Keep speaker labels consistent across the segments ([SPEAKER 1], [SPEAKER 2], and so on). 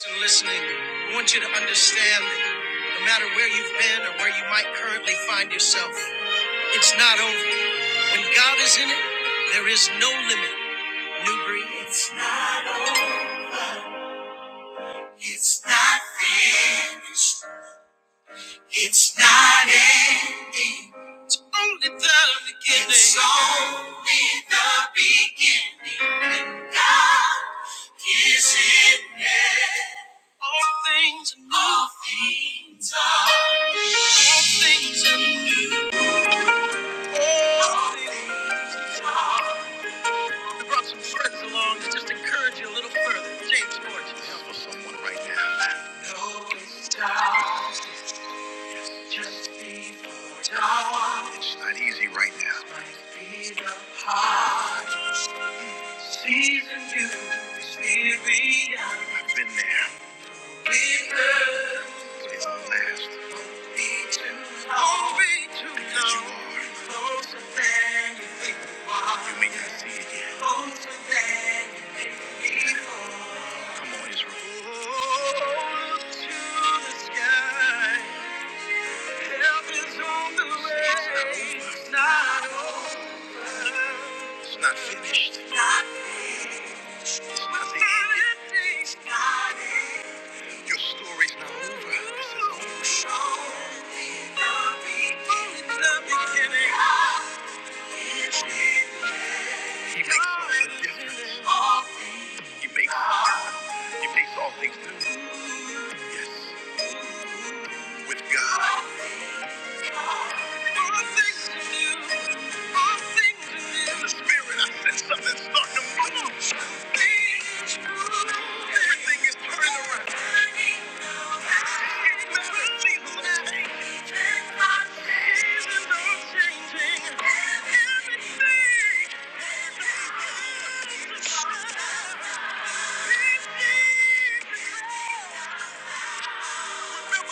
[SPEAKER 1] and listening, I want you to understand that no matter where you've been or where you might currently find yourself, it's not over. When God is in it, there is no limit. New breed. It's not over. It's not finished. It's not ending. It's only the beginning. It's only the beginning. and God is in it. All things are new. All things are new. All things are new. All things are new. It's dark, it's dark, it's hard. Season new. It's weary. I've been there. Put his own last. Only you are closer than you think you may not see it yet. Come on, Israel. not finished. Not finished. It's not finished. Your story's not over. This is all. Show me the beginning. The beginning. He makes all the difference. He makes he makes all things new. Yes, with God. in the spirit and something's starting to move. Everything is turning around. Seasons are changing. Seasons are changing. Everything. Everything. No matter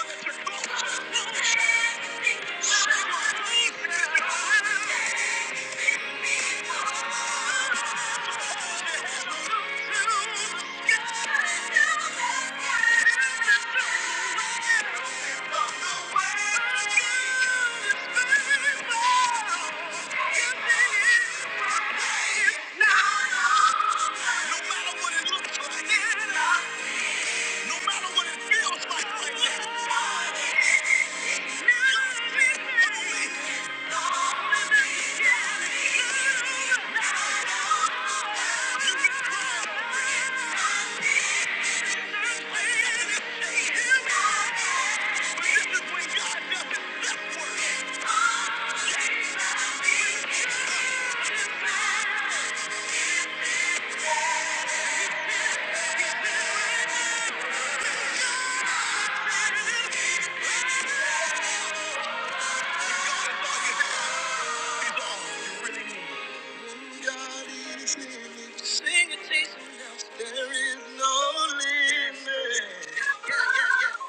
[SPEAKER 1] what it looks like, there is No matter what it feels like right now.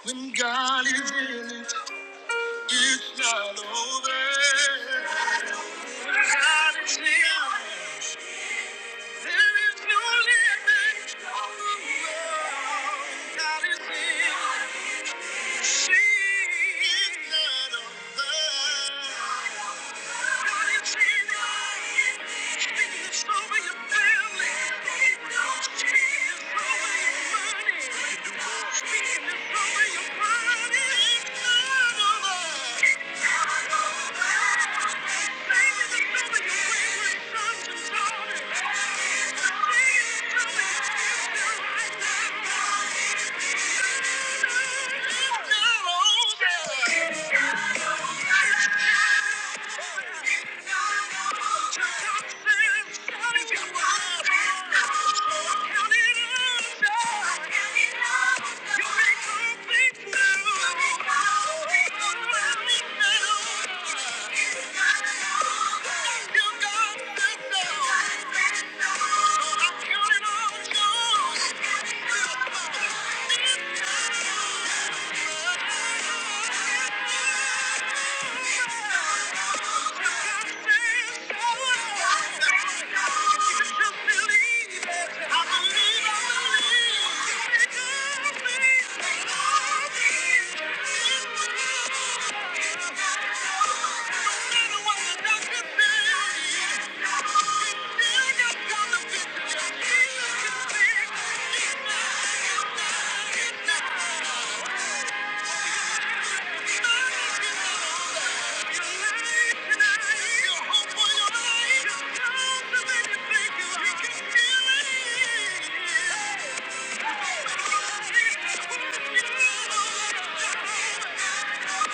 [SPEAKER 1] When God is in it, It's not over. God is here. There is no limit. God is here. It's not over. Thank you. Thank you. Thank you. Thank you.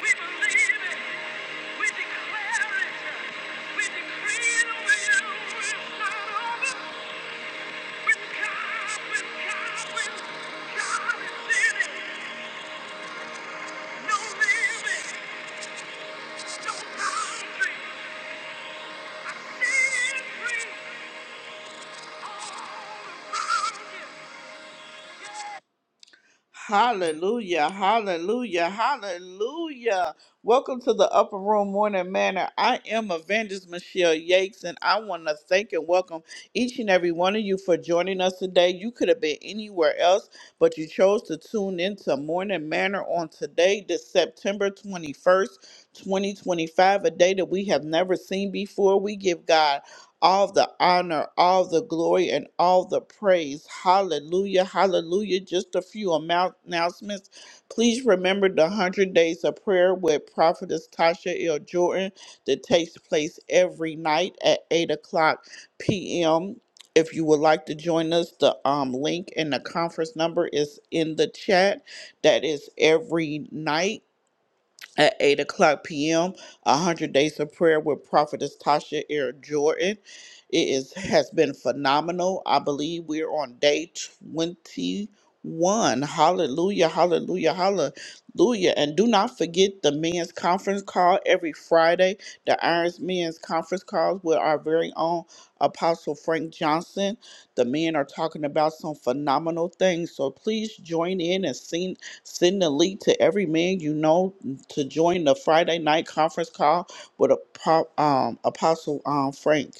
[SPEAKER 1] We believe it. We declare it. We decree it over you. It's not over. With God, with God, with God is in it. No limit, no boundary. Sin free all around you. Hallelujah, hallelujah, hallelujah. Welcome to the Upper Room Morning Manor. I am Evangelist Michelle Yates, and I want to thank and welcome each and every one of you for joining us today. You could have been anywhere else, but you chose to tune into Morning Manor on today, this September 21st, 2025, a day that we have never seen before. We give God all the honor, all the glory, and all the praise. Hallelujah, hallelujah. Just a few amount- announcements. Please remember the 100 Days of Prayer with Prophetess Tasha L. Jordan that takes place every night at 8 o'clock p.m. If you would like to join us, the um, link and the conference number is in the chat. That is every night at 8 o'clock p.m. 100 Days of Prayer with Prophetess Tasha Air Jordan. It is, has been phenomenal. I believe we're on day 21. Hallelujah, hallelujah, hallelujah. And do not forget the men's conference call every Friday, the Irons Men's Conference Calls with our very own Apostle Frank Johnson. The men are talking about some phenomenal things. So please join in and send, send the link to every man you know to join the Friday night conference call with Apo- um, Apostle um, Frank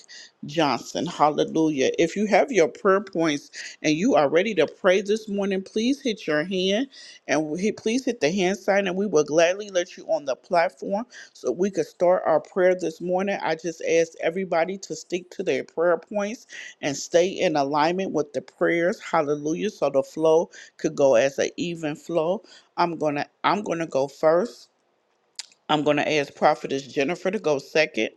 [SPEAKER 1] Johnson. Hallelujah. If you have your prayer points and you are ready to pray this morning, please hit your hand and hit- please hit the hand sign, and we will gladly let you on the platform so we could start our prayer this morning. I just ask everybody to stick to their prayer points and stay in alignment with the prayers. Hallelujah. So the flow could go as an even flow. I'm gonna I'm gonna go first. I'm going to ask Prophetess Jennifer to go second.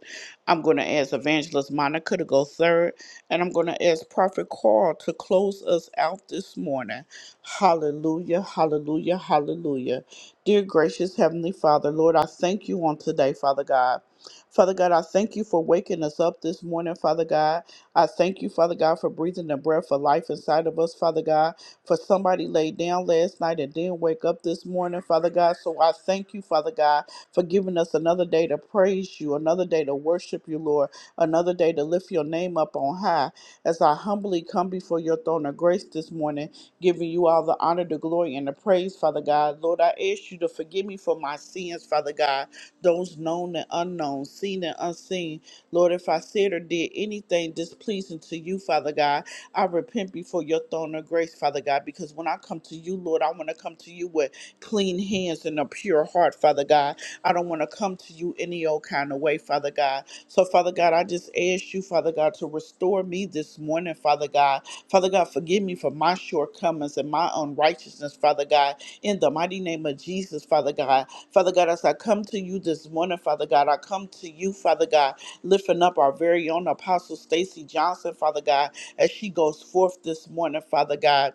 [SPEAKER 1] I'm going to ask Evangelist Monica to go third. And I'm going to ask Prophet Carl to close us out this morning. Hallelujah, hallelujah, hallelujah. Dear gracious Heavenly Father, Lord, I thank you on today, Father God. Father God, I thank you for waking us up this morning, Father God. I thank you, Father God, for breathing the breath of life inside of us, Father God. For somebody laid down last night and didn't wake up this morning, Father God. So I thank you, Father God for giving us another day to praise you, another day to worship you, Lord, another day to lift your name up on high. As I humbly come before your throne of grace this morning, giving you all the honor, the glory, and the praise, Father God. Lord, I ask you to forgive me for my sins, Father God, those known and unknown, seen and unseen. Lord, if I said or did anything displeasing to you, Father God, I repent before your throne of grace, Father God, because when I come to you, Lord, I want to come to you with clean hands and a pure heart, Father God. I don't want to come to you any old kind of way, Father God. So, Father God, I just ask you, Father God, to restore me this morning, Father God. Father God, forgive me for my shortcomings and my unrighteousness, Father God. In the mighty name of Jesus, Father God. Father God, as I come to you this morning, Father God, I come to you, Father God, lifting up our very own Apostle Stacy Johnson, Father God, as she goes forth this morning, Father God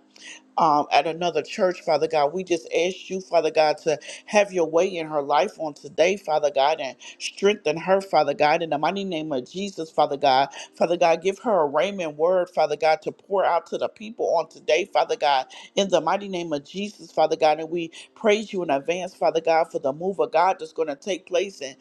[SPEAKER 1] um, at another church, Father God. We just ask you, Father God, to have your way in her life on today, Father God, and strengthen her, Father God, in the mighty name of Jesus, Father God. Father God, give her a raiment word, Father God, to pour out to the people on today, Father God, in the mighty name of Jesus, Father God. And we praise you in advance, Father God, for the move of God that's going to take place in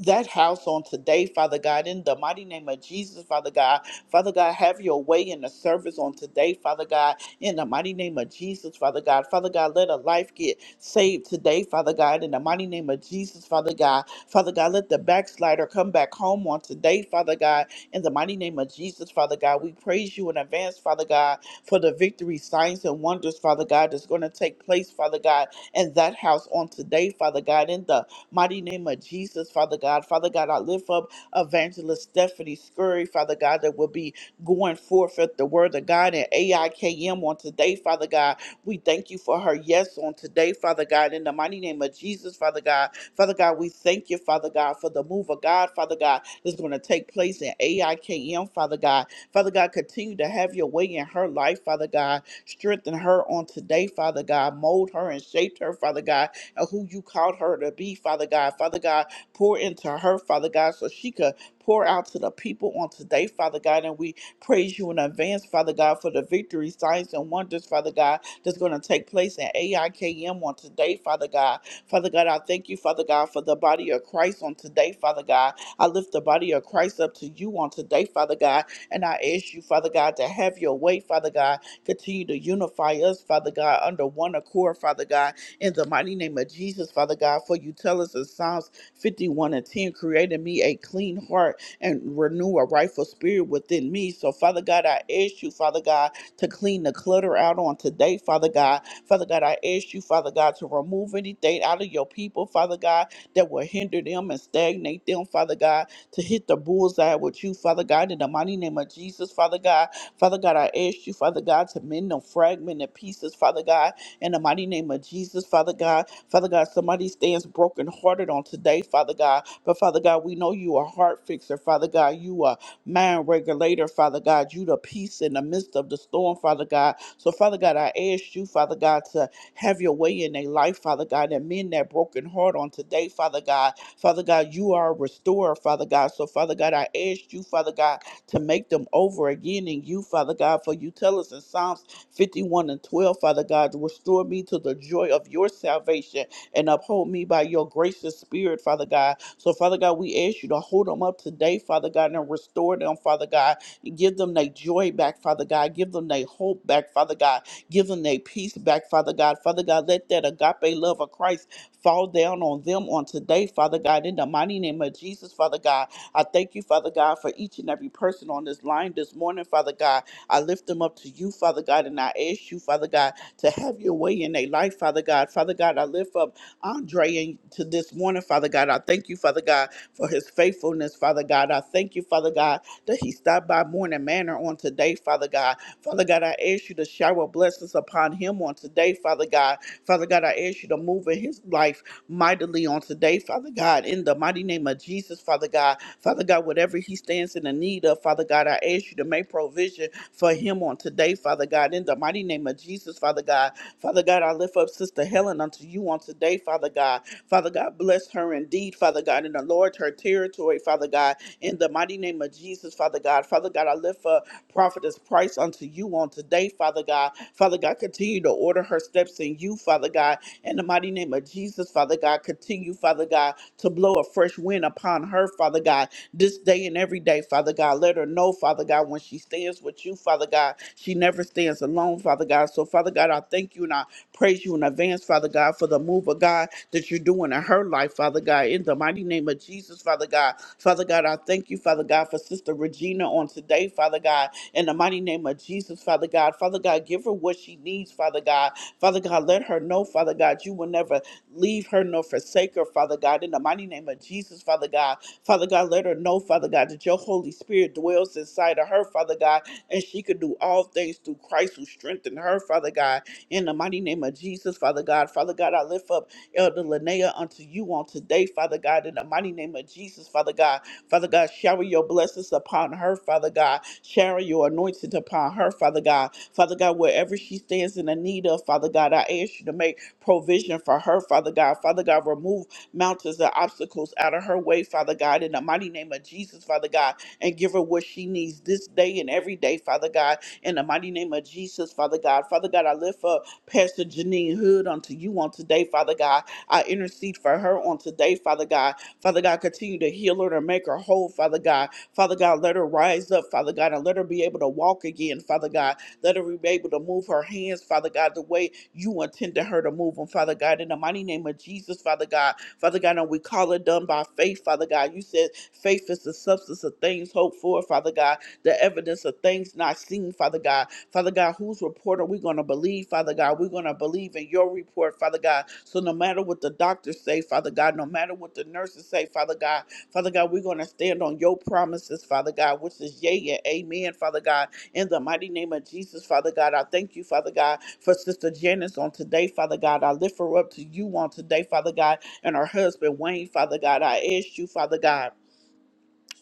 [SPEAKER 1] that house on today, Father God, in the mighty name of Jesus, Father God. Father God, have your way in the service on today, Father God, in the mighty name of Jesus, Father God. Father God, let a life get saved today, Father God, in the mighty name of Jesus, Father God. Father God, let the backslider come back home on today, Father God, in the mighty name of Jesus, Father God. We praise you in advance, Father God, for the victory, signs, and wonders, Father God, that's going to take place, Father God, in that house on today, Father God, in the Mighty name of Jesus, Father God. Father God, I lift up Evangelist Stephanie Scurry, Father God, that will be going forth at the word of God and AIKM on today, Father God. We thank you for her yes on today, Father God. In the mighty name of Jesus, Father God. Father God, we thank you, Father God, for the move of God, Father God, that's going to take place in AIKM, Father God. Father God, continue to have your way in her life, Father God. Strengthen her on today, Father God. Mold her and shape her, Father God and who you called her to be, Father God. Father God, pour into her, Father God, so she could pour out to the people on today, Father God. And we praise you in advance, Father God, for the victory, signs, and wonders, Father God, that's going to take place in AIKM on today, Father God. Father God, I thank you, Father God, for the body of Christ on today, Father God. I lift the body of Christ up to you on today, Father God. And I ask you, Father God, to have your way, Father God. Continue to unify us, Father God, under one accord, Father God in the mighty name of Jesus, Father God. For you tell us in Psalms 51 and 10, create in me a clean heart and renew a rightful spirit within me. So, Father God, I ask you, Father God, to clean the clutter out on today, Father God. Father God, I ask you, Father God, to remove anything out of your people, Father God, that will hinder them and stagnate them, Father God, to hit the bullseye with you, Father God, in the mighty name of Jesus, Father God. Father God, I ask you, Father God, to mend them fragmented pieces, Father God, in the mighty name of Jesus, Father God. Father God, somebody stands brokenhearted on today, Father God. But Father God, we know you are heart fixer, Father God. You are mind regulator, Father God. You the peace in the midst of the storm, Father God. So, Father God, I ask you, Father God, to have your way in their life, Father God, and mend that broken heart on today, Father God. Father God, you are a restorer, Father God. So, Father God, I ask you, Father God, to make them over again in you, Father God, for you tell us in Psalms 51 and 12, Father God. Restore me to the joy of your salvation and uphold me by your gracious spirit, Father God. So, Father God, we ask you to hold them up today, Father God, and restore them, Father God. Give them their joy back, Father God. Give them their hope back, Father God. Give them their peace back, Father God. Father God, let that agape love of Christ fall down on them on today, Father God. In the mighty name of Jesus, Father God, I thank you, Father God, for each and every person on this line this morning, Father God. I lift them up to you, Father God, and I ask you, Father God, to have your way in their life, Father God. Father God, I lift up Andre in- to this morning, Father God. I thank you, Father God, for his faithfulness, Father God. I thank you, Father God, that he stopped by Morning Manor on today, Father God. Father God, I ask you to shower blessings upon him on today, Father God. Father God, I ask you to move in his life mightily on today, Father God, in the mighty name of Jesus, Father God. Father God, whatever he stands in the need of, Father God, I ask you to make provision for him on today, Father God, in the mighty name of Jesus, Father God. Father God, I lift up Sister Helen unto you on today, Father God. Father God, bless her indeed, Father God, and enlarge her territory, Father God, in the mighty name of Jesus, Father God. Father God, I lift for Prophetess Price unto you on today, Father God. Father God, continue to order her steps in you, Father God. In the mighty name of Jesus, Father God, continue, Father God, to blow a fresh wind upon her, Father God, this day and every day, Father God. Let her know, Father God, when she stands with you, Father God, she never stands alone, Father God. So, Father God, I thank you and I praise you in advance, Father God, for the move of God that you're doing in her life, Father God. In the mighty name of Jesus, Father God. Father God, I thank you, Father God, for Sister Regina on today, Father God, in the mighty name of Jesus, Father God. Father God, give her what she needs, Father God. Father God, let her know, Father God, you will never leave her nor forsake her, Father God. In the mighty name of Jesus, Father God. Father God, let her know, Father God, that your Holy Spirit dwells inside of her, Father God, and she can do all things through Christ who strengthened her, Father God. In the mighty name of Jesus, Father God. Father God, I lift up Elder Linnea unto you on today, Father God. In the mighty name of Jesus, Father God. Father God, shower your blessings upon her, Father God. Shower your anointing upon her, Father God. Father God, wherever she stands in the need of, Father God, I ask you to make provision for her, Father God. Father God, remove mountains and obstacles out of her way, Father God, in the mighty name of Jesus, Father God, and give her what she needs this day and every day, Father God, in the mighty name of Jesus, Father God. Father God, I lift up Pastor Janine Hood unto you on today, Father God. I intercede for her on today, Father God. Father God, continue to heal her and make her whole, Father God. Father God, let her rise up, Father God, and let her be able to walk again, Father God. Let her be able to move her hands, Father God, the way you intended her to move them, Father God. In the mighty name of Jesus, Father God. Father God, and we call it done by faith, Father God. You said faith is the substance of things hoped for, Father God the evidence of things not seen, Father God. Father God, whose report are we going to believe, Father God? We're going to believe in your report, Father God. So no matter what the doctors say, Father God, no matter what the nurses say, Father God, Father God, we're going to stand on your promises, Father God, which is yea and amen, Father God. In the mighty name of Jesus, Father God, I thank you, Father God, for Sister Janice on today, Father God. I lift her up to you on today, Father God, and her husband, Wayne, Father God. I ask you, Father God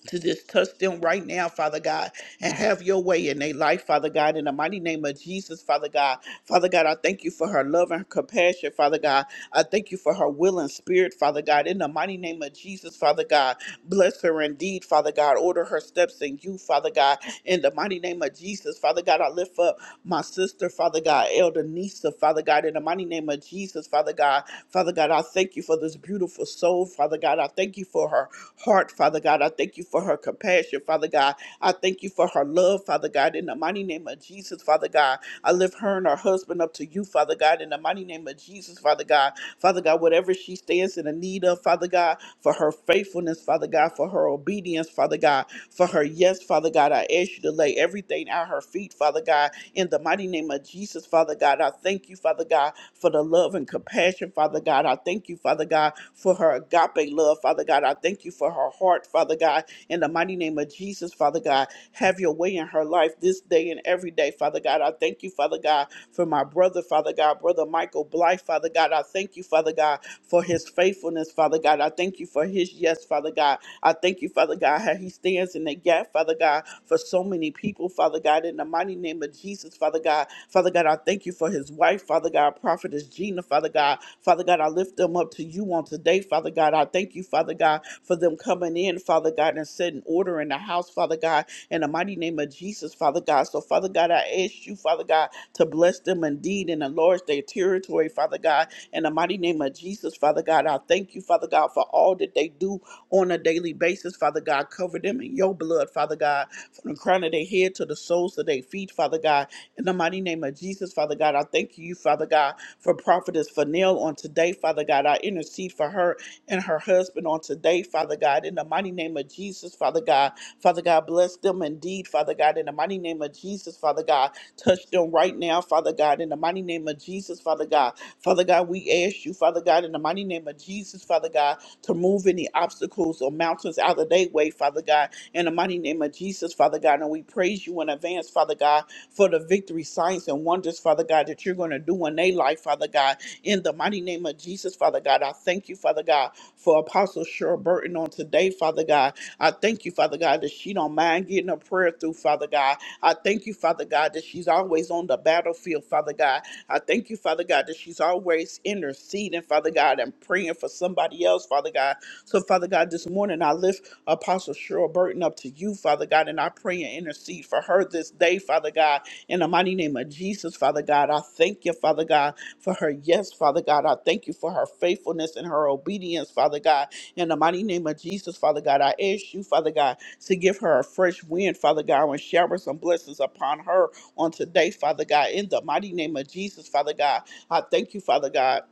[SPEAKER 1] to just touch them right now, Father God, and have your way in their life, Father God, in the mighty name of Jesus, Father God. Father God, I thank you for her love and compassion, Father God. I thank you for her will and spirit, Father God, in the mighty name of Jesus, Father God. Bless her indeed, Father God. Order her steps in you, Father God. In the mighty name of Jesus, Father God, I lift up my sister, Father God, Elder Nisa, Father God. In the mighty name of Jesus, Father God, Father God, I thank you for this beautiful soul, Father God. I thank you for her heart, Father God. I thank you for her compassion, Father God. I thank you for her love, Father God. In the mighty name of Jesus, Father God, I lift her and her husband up to you, Father God. In the mighty name of Jesus, Father God. Father God, whatever she stands in the need of, Father God, for her faithfulness, Father God, for her obedience, Father God, for her yes, Father God, I ask you to lay everything at her feet, Father God, in the mighty name of Jesus, Father God. I thank you, Father God, for the love and compassion, Father God. I thank you, Father God, for her agape love, Father God. I thank you for her heart, Father God, in the mighty name of Jesus, Father God. Have your way in her life this day and every day, Father God. I thank you, Father God, for my brother, Father God, brother Michael Blythe, Father God. I thank you, Father God, for his faithfulness, Father God. I thank you for his yes, Father God. I thank you, Father God, how he stands in the gap, Father God, for so many people, Father God, in the mighty name of Jesus, Father God. Father God, I thank you for his wife, Father God, prophetess Gina, Father God. Father God, I lift them up to you on today, Father God. I thank you, Father God, for them coming in, Father God, and setting order in the house house, Father God, in the mighty name of Jesus, Father God. So, Father God, I ask you, Father God, to bless them indeed and enlarge their territory, Father God, in the mighty name of Jesus, Father God. I thank you, Father God, for all that they do on a daily basis, Father God. Cover them in your blood, Father God, from the crown of their head to the soles of their feet, Father God. In the mighty name of Jesus, Father God, I thank you, Father God, for prophetess Fanel on today, Father God. I intercede for her and her husband on today, Father God, in the mighty name of Jesus, Father God. Father God, bless them indeed, Father God, in the mighty name of Jesus, Father God. Touch them right now, Father God, in the mighty name of Jesus, Father God. Father God, we ask you, Father God, in the mighty name of Jesus, Father God, to move any obstacles or mountains out of their way, Father God, in the mighty name of Jesus, Father God. And we praise you in advance, Father God, for the victory, signs, and wonders, Father God, that you're going to do in their life, Father God, in the mighty name of Jesus, Father God. I thank you, Father. Father God, for Apostle Cheryl Burton on today, Father God. I thank you, Father God, that she don't mind getting a prayer through, Father God. I thank you, Father God, that she's always on the battlefield, Father God. I thank you, Father God, that she's always interceding, Father God, and praying for somebody else, Father God. So, Father God, this morning I lift Apostle Cheryl Burton up to you, Father God, and I pray and intercede intercede for her this day, Father God. In the mighty name of Jesus, Father God, I thank you, Father God, for her yes, Father God. I thank you for her faithfulness and her obedience, Father God. In the mighty name of Jesus, Father God, I ask you, Father God, to give her a fresh wind, Father God, and shower some blessings upon her on today, Father God. In the mighty name of Jesus, Father God, I thank you, Father God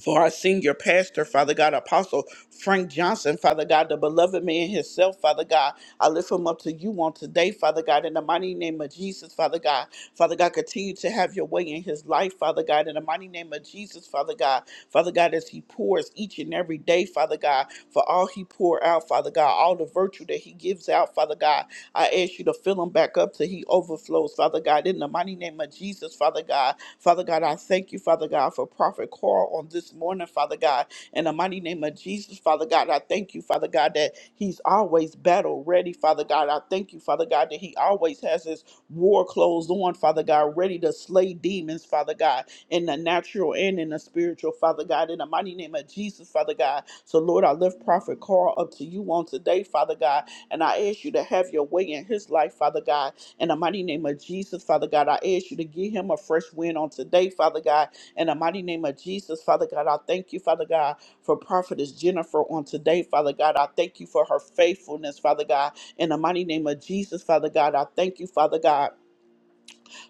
[SPEAKER 1] for our senior pastor, Father God, Apostle Frank Johnson, Father God, the beloved man himself, Father God. I lift him up to you on today, Father God, in the mighty name of Jesus, Father God. Father God, continue to have your way in his life, Father God, in the mighty name of Jesus, Father God. Father God, as he pours each and every day, Father God, for all he pour out, Father. Father God, all the virtue that he gives out, Father God. I ask you to fill him back up till he overflows, Father God. In the mighty name of Jesus, Father God. Father God, I thank you, Father God, for Prophet Carl on this morning, Father God. In the mighty name of Jesus, Father God, I thank you, Father God, that he's always battle ready, Father God. I thank you, Father God, that he always has his war clothes on, Father God, ready to slay demons, Father God in the natural and in the spiritual, Father God, in the mighty name of Jesus, Father God. So, Lord, I lift Prophet Carl up to you on today, Father God, and I ask you to have your way in his life, Father God. In the mighty name of Jesus, Father God, I ask you to give him a fresh wind on today, Father God. In the mighty name of Jesus, Father God, I thank you, Father God, for Prophetess Jennifer on today, Father God. I thank you for her faithfulness, Father God. In the mighty name of Jesus, Father God, I thank you, Father God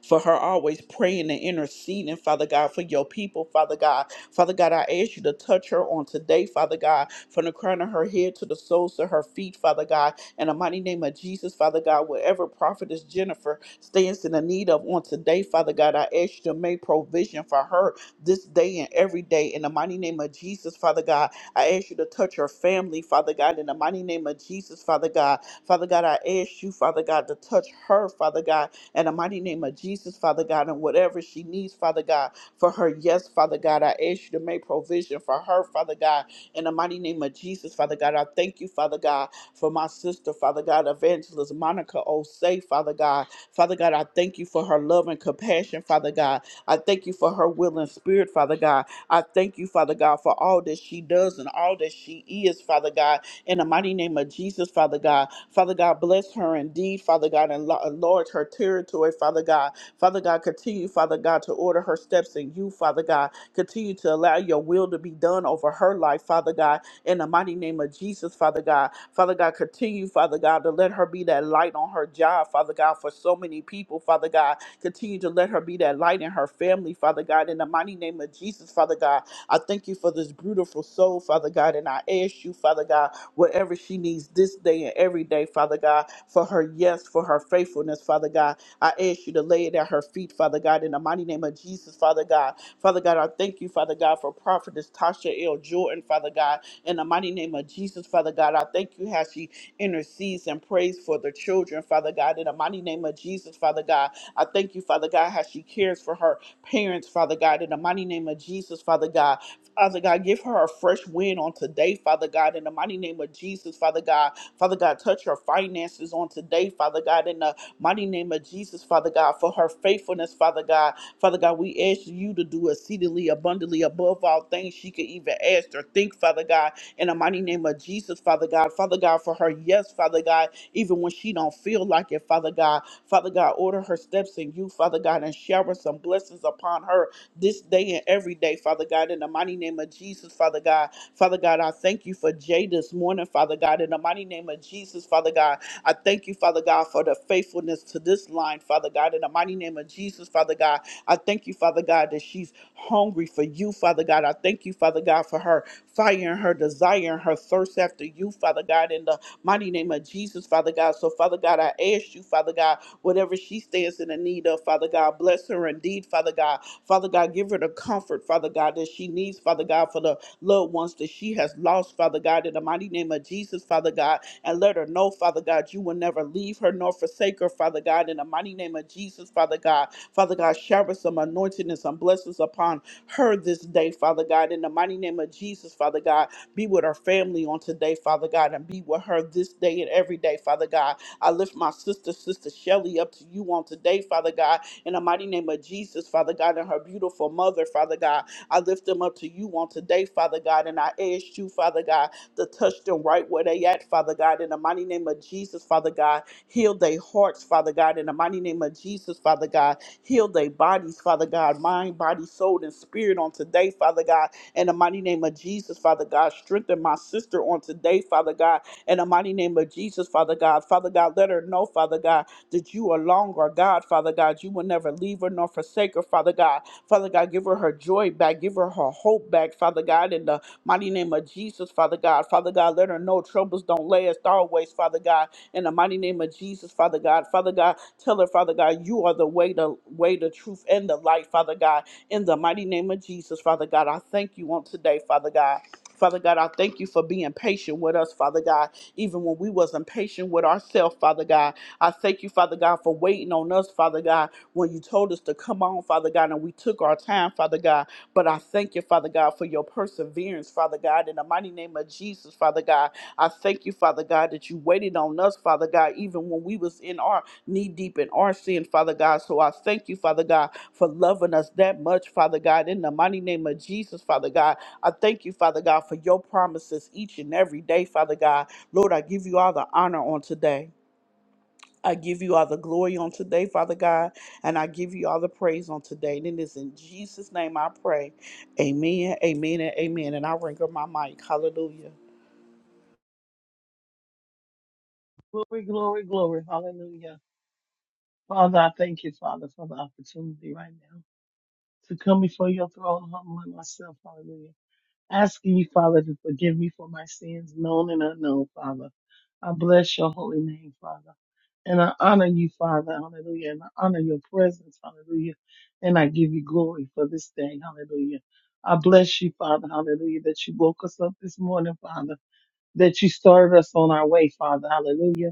[SPEAKER 1] for her always praying and interceding, Father God, for your people, Father God. Father God, I ask you to touch her on today, Father God, from the crown of her head to the soles of her feet, Father God. In the mighty name of Jesus, Father God, wherever Prophetess Jennifer stands in the need of on today, Father God, I ask you to make provision for her this day and every day. In the mighty name of Jesus, Father God, I ask you to touch her family, Father God. In the mighty name of Jesus, Father God. Father God, I ask you, Father God, to touch her, Father God in the mighty name of Jesus, Father God, and whatever she needs, Father God, for her. Yes, Father God, I ask you to make provision for her, Father God, in the mighty name of Jesus, Father God. I thank you, Father God, for my sister, Father God, Evangelist Monica Osei, Father God. Father God, I thank you for her love and compassion, Father God. I thank you for her will and spirit, Father God. I thank you, Father God, for all that she does and all that she is, Father God in the mighty name of Jesus, Father God. Father God, bless her indeed, Father God, and lo- enlarge her territory, Father God. Father God, continue, Father God, to order her steps in you, Father God. Continue to allow your will to be done over her life, Father God, in the mighty name of Jesus, Father God. Father God, continue, Father God, to let her be that light on her job, Father God, for so many people, Father God. Continue to let her be that light in her family, Father God, in the mighty name of Jesus, Father God. I thank you for this beautiful soul, Father God, and I ask you, Father God, whatever she needs this day and every day, Father God, for her yes, for her faithfulness, Father God. I ask you to lay it at her feet, Father God, in the mighty name of Jesus, Father God. Father God, I thank you, Father God, for Prophetess Tasha L. Jordan, Father God. In the mighty name of Jesus, Father God, I thank you how she intercedes and prays for the children, Father God. In the mighty name of Jesus, Father God, I thank you, Father God, how she cares for her parents, Father God. In the mighty name of Jesus, Father God, Father God, give her a fresh win on today, Father God. In the mighty name of Jesus, Father God, Father God, touch her finances on today, Father God. In the mighty name of Jesus, Father God, for her faithfulness, Father God. Father God, we ask you to do exceedingly abundantly above all things she could even asked or think, Father God, in the mighty name of Jesus, Father God. Father God, for her yes, Father God, even when she don't feel like it, Father God. Father God, order her steps in you, Father God, and shower some blessings upon her this day and every day, Father God, in the mighty name of Jesus, Father God. Father God, I thank you for Jay this morning, Father God, in the mighty name of Jesus, Father God. I thank you, Father God, for the faithfulness to this line, Father God, in the mighty name of Jesus, Father God. I thank you, Father God, that she's hungry for you, Father God. God. I thank you, Father God, for her fire and her desire and her thirst after you, Father God, in the mighty name of Jesus, Father God. So, Father God, I ask you, Father God, whatever she stands in the need of, Father God, bless her indeed, Father God. Father God, give her the comfort, Father God, that she needs, Father God, for the loved ones that she has lost, Father God, in the mighty name of Jesus, Father God. And let her know, Father God, you will never leave her nor forsake her, Father God, in the mighty name of Jesus, Father God. Father God, shower some anointing and some blessings upon her this day, Father God. In the mighty name of Jesus, Father God, be with her family on today, Father God, and be with her this day and every day, Father God. I lift my sister, Sister Shelly, up to you on today, Father God. In the mighty name of Jesus, Father God, and her beautiful mother, Father God. I lift them up to you on today, Father God, and I ask you, Father God, to touch them right where they at, Father God. In the mighty name of Jesus, Father God, heal their hearts, Father God. In the mighty name of Jesus, Father God, Heal their bodies, Father God, mind, body, soul, and spirit on today, Father God. In the mighty name of Jesus, Father God, strengthen my sister on today, Father God. In the mighty name of Jesus, Father God, Father God, let her know, Father God, that you are longer, God, Father God. You will never leave her nor forsake her, Father God. Father God, give her her joy back, give her her hope back, Father God, in the mighty name of Jesus, Father God. Father God, let her know troubles don't last always, Father God in the mighty name of Jesus, Father God. Father God, tell her, Father God, you are the way, the way, the truth, and the light, Father God. In the mighty name of Jesus, Father God, I thank you on today, Father God. Father God, I thank you for being patient with us, Father God, even when we wasn't patient with ourselves, Father God. I thank you, Father God, for waiting on us, Father God, when you told us to come on, Father God, and we took our time, Father God. But I thank you, Father God, for your perseverance, Father God, in the mighty name of Jesus, Father God. I thank you, Father God, that you waited on us, Father God, even when we was in our knee deep in our sin, Father God. So I thank you, Father God, for loving us that much, Father God. In the mighty name of Jesus, Father God, I thank you, Father God, for your promises each and every day, Father God. Lord, I give you all the honor on today. I give you all the glory on today, Father God, and I give you all the praise on today. And it is in Jesus' name I pray. Amen, amen, and amen. And I ring up my mic. Hallelujah.
[SPEAKER 2] Glory, glory, glory. Hallelujah. Father, I thank you, Father, for the opportunity right now to come before your throne, humbling myself. Hallelujah. Asking you, Father, to forgive me for my sins, known and unknown, Father. I bless your holy name, Father. And I honor you, Father. Hallelujah. And I honor your presence. Hallelujah. And I give you glory for this day. Hallelujah. I bless you, Father. Hallelujah. That you woke us up this morning, Father. That you started us on our way, Father. Hallelujah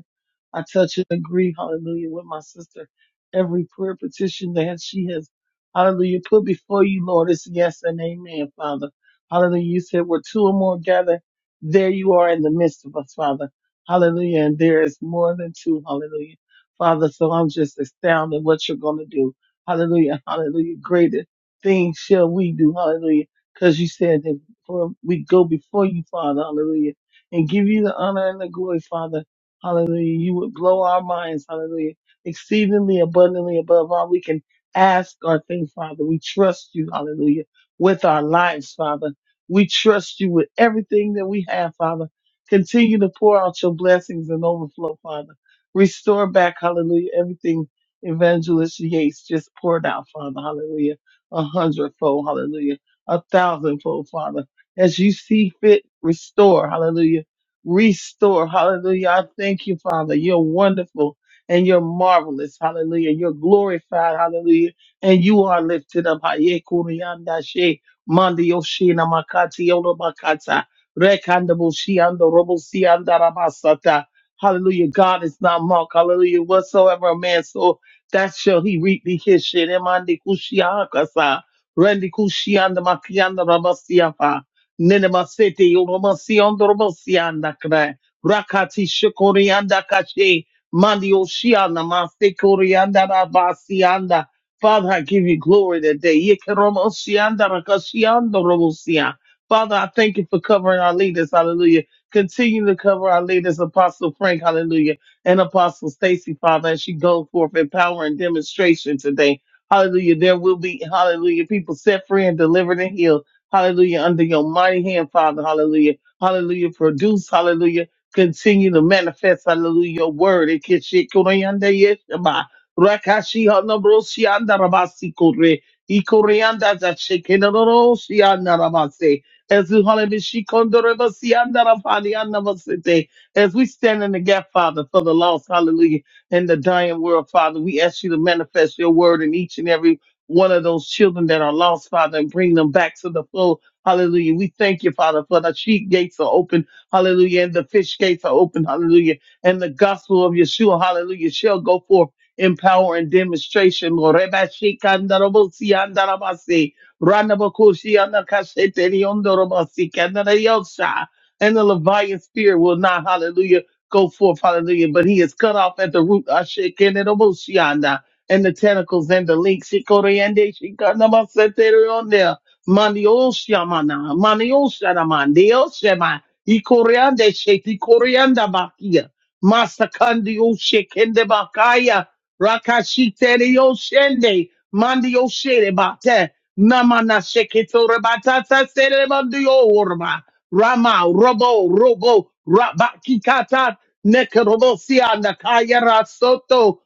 [SPEAKER 2] I touch and agree, hallelujah, with my sister. Every prayer petition that she has, hallelujah, put before you, Lord, is yes and amen, Father. Hallelujah. You said where two or more gather, there you are in the midst of us, Father. Hallelujah. And there is more than two, hallelujah. Father, so I'm just astounded what you're going to do. Hallelujah. Hallelujah. Greater things shall we do, hallelujah. Because you said that for we go before you, Father, hallelujah, and give you the honor and the glory, Father. Hallelujah. You would blow our minds. Hallelujah. Exceedingly abundantly above all we can ask or think, Father. We trust you. Hallelujah. With our lives, Father. We trust you with everything that we have, Father. Continue to pour out your blessings and overflow, Father. Restore back, hallelujah, everything Evangelist Yates just poured out, Father. Hallelujah. A hundredfold, hallelujah. A thousandfold, Father. As you see fit, restore, hallelujah restore. Hallelujah. I thank you, Father. You're wonderful and you're marvelous. Hallelujah. You're glorified. Hallelujah. And you are lifted up. Haye kuriyanda she, mandi yoshi na makati yolo makata, rekanda bushi ando robo si anda rabasata. Hallelujah. God is not mocked. Hallelujah. Whatsoever a man so that shall he reap the his shit. Emandi kushi akasa. Rendi kushi anda makiyanda rabasiafa. Ninema City, Romasiandoromasiandakre, Rakati Shikoriandakashi, Mandi Oshiana, Maste Koriandarabasianda. Father, I give you glory today. Yekeromosiandarakashiandoromosia. Father, I thank you for covering our leaders. Hallelujah. Continue to cover our leaders, Apostle Frank, hallelujah, and Apostle Stacy, Father, as she goes forth in power and demonstration today. Hallelujah. There will be, hallelujah, people set free and delivered and healed. Hallelujah. Under your mighty hand, Father. Hallelujah. Hallelujah. Produce. Hallelujah. Continue to manifest. Hallelujah. Your word. Ikeshikurianda yeshaba. Rakashi hanabrosi andarabasi kore. Ikorianda zashekenorosi andarabase. As we hallelujah, she kondorebasi andarafani andabasete. as we stand in the gap, Father, for the lost, hallelujah, in the dying world, Father, we ask you to manifest your word in each and every one of those children that are lost, Father, and bring them back to the fold. Hallelujah. We thank you, Father, for the sheep gates are open. Hallelujah. And the fish gates are open. Hallelujah. And the gospel of Yeshua, hallelujah, shall go forth in power and demonstration. Lord. Reba shikandarabosi andarabasi. Ranabakoshi anakasheteri ondorobasi kandarayosha. And the Leviathan spirit will not, hallelujah, go forth, hallelujah, but he is cut off at the root. Ashe kenenoboshi anda and the tentacles and the links. Shikoriande, shikanamasete on there. Manioshamana, manioshanama, neoshema. Ikoriande, sheti korianda bakia. Masakandi oshekende bakaya. Rakashite yoshende. Mandi oshere bate. Namana sheketore batata sere mandio orma. Rama, robo, robo, rabakikata. Nekarobosia, nakaya rasoto.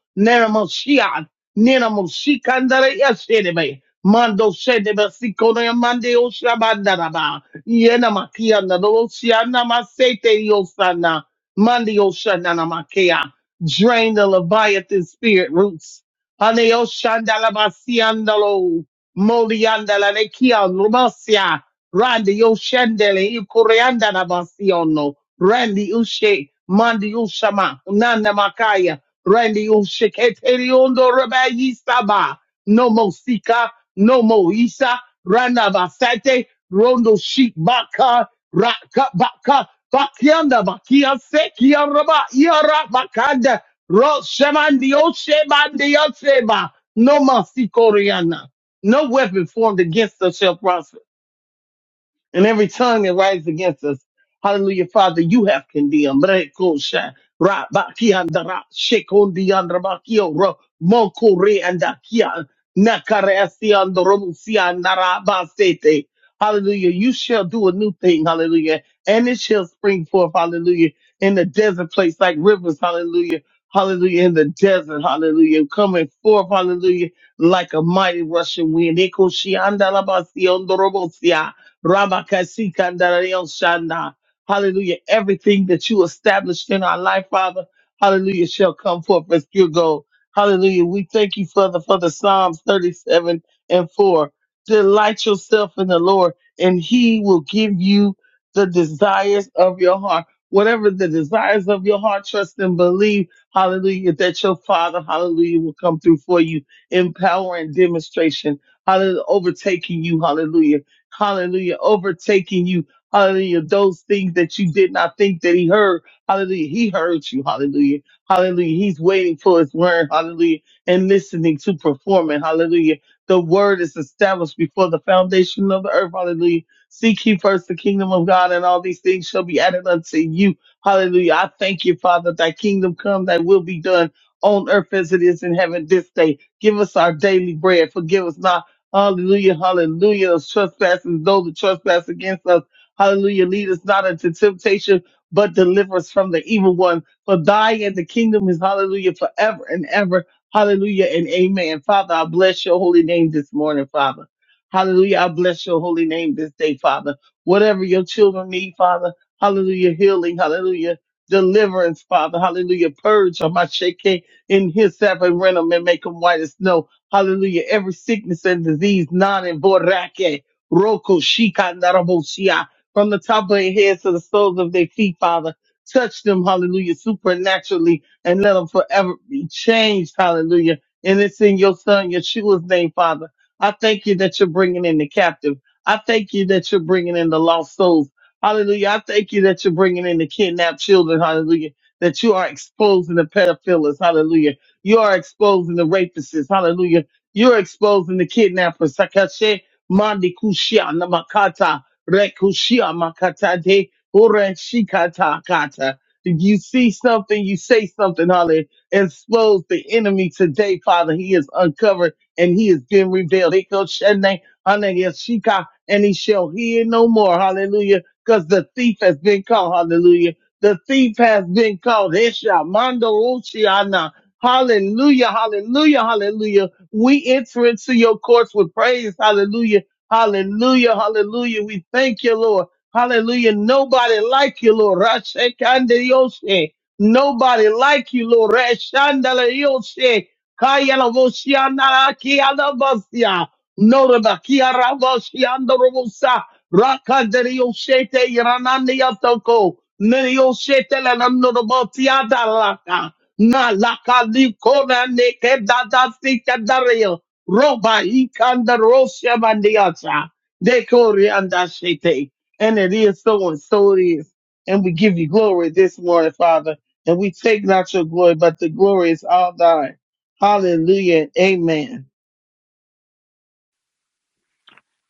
[SPEAKER 2] Nina Mosikandara Yasedebe. Mando Sedebe Sikona Mande Oshabandaraba. Yena Makiana Rosiana Masete Yosana. Mandi Oshanana Makea. Drain the Leviathan spirit roots. Ane Oshandala Basiandalo. Moliandala Nekian Rubasia. Randi Oshandele Ikuriandana Basiono. Randy Ushe. Mandi Ushama. Nana Makaya. Randy Ushiketeri Ondo Rabayi Saba, Nomo Sika, Nomo Isa, Randa Basate, Rondo Sheik Baka, Raka Baka, Bakianda Bakia Sekia Raba, Yara Bakanda, Roshamandio Shebandio Sheba, Noma Sikoriana. No weapon formed against us shall prosper and every tongue that rises against us. Hallelujah, Father, you have condemned. Brekosha, rabakiandara, shekondiandrabakio, ro- mokoreandakia, nakaresiandorobusiandarabasete. Hallelujah. You shall do a new thing. Hallelujah. And it shall spring forth. Hallelujah. In the desert place like rivers. Hallelujah. Hallelujah. In the desert. Hallelujah. Coming forth. Hallelujah. Like a mighty rushing wind. Ekoshiandalabasiondorobosia. Ramakasi Kandarion Shana. Hallelujah. Everything that you established in our life, Father, hallelujah, shall come forth as pure gold. Hallelujah. We thank you, Father, for the Psalms 37 and 4. Delight yourself in the Lord, and he will give you the desires of your heart. Whatever the desires of your heart, trust and believe, hallelujah, that your Father, hallelujah, will come through for you in power and demonstration, hallelujah, overtaking you, hallelujah. Hallelujah. Overtaking you. Hallelujah. Those things that you did not think that he heard. Hallelujah. He heard you. Hallelujah. Hallelujah. He's waiting for his word. Hallelujah. And listening to performing. Hallelujah. The word is established before the foundation of the earth. Hallelujah. Seek ye first the kingdom of God and all these things shall be added unto you. Hallelujah. I thank you, Father, thy kingdom come, thy will be done on earth as it is in heaven this day. Give us our daily bread. Forgive us not Hallelujah, hallelujah. Those trespasses, those that trespass against us. Hallelujah. Lead us not into temptation, but deliver us from the evil one. For thy is the kingdom is hallelujah forever and ever. Hallelujah and amen. Father, I bless your holy name this morning, Father. Hallelujah. I bless your holy name this day, Father. Whatever your children need, Father. Hallelujah. Healing. Hallelujah. Deliverance, Father. Hallelujah. Purge on my shake in his seven, rent 'em and make make 'em white as snow. Hallelujah. Every sickness and disease, non and borake, roko, shika, narabosia, from the top of their heads to the soles of their feet, Father. Touch them, hallelujah, supernaturally, and let them forever be changed, hallelujah. And it's in your son, Yeshua's name, Father. I thank you that you're bringing in the captive. I thank you that you're bringing in the lost souls. Hallelujah. I thank you that you're bringing in the kidnapped children. Hallelujah. That you are exposing the pedophiles. Hallelujah you are exposing the rapists. Hallelujah. You're exposing the kidnappers. Sakashe mandi kushia Namakata, makata rekushia makata de ore shikata kata. If you see something, you say something, Hallelujah. Expose the enemy today, Father. He is uncovered and he has been revealed. Eko shene, hallelujah, shika, And he shall hear no more. Hallelujah. Because the thief has been caught. Hallelujah. The thief has been caught. Hesha, mando, Hallelujah, hallelujah, hallelujah. We enter into your courts with praise. Hallelujah, hallelujah, hallelujah. We thank you, Lord. Hallelujah. Nobody like you, Lord. Rashekandiyoshe. Nobody like you, Lord. Rashandalayoshe. Kayalavoshianarakialabasia. Norabakiaravoshiandorobosa. Rakadariyoshe te iranandiyatoko. Neriyoshe te lanamnorobotiadalaka. Malakali kona neke dada sika dario. Roba ikanda rosha mandiata. Dekori andashete. And it is so and so it is. And we give you glory this morning, Father. And we take not your glory, but the glory is all thine. Hallelujah. Amen.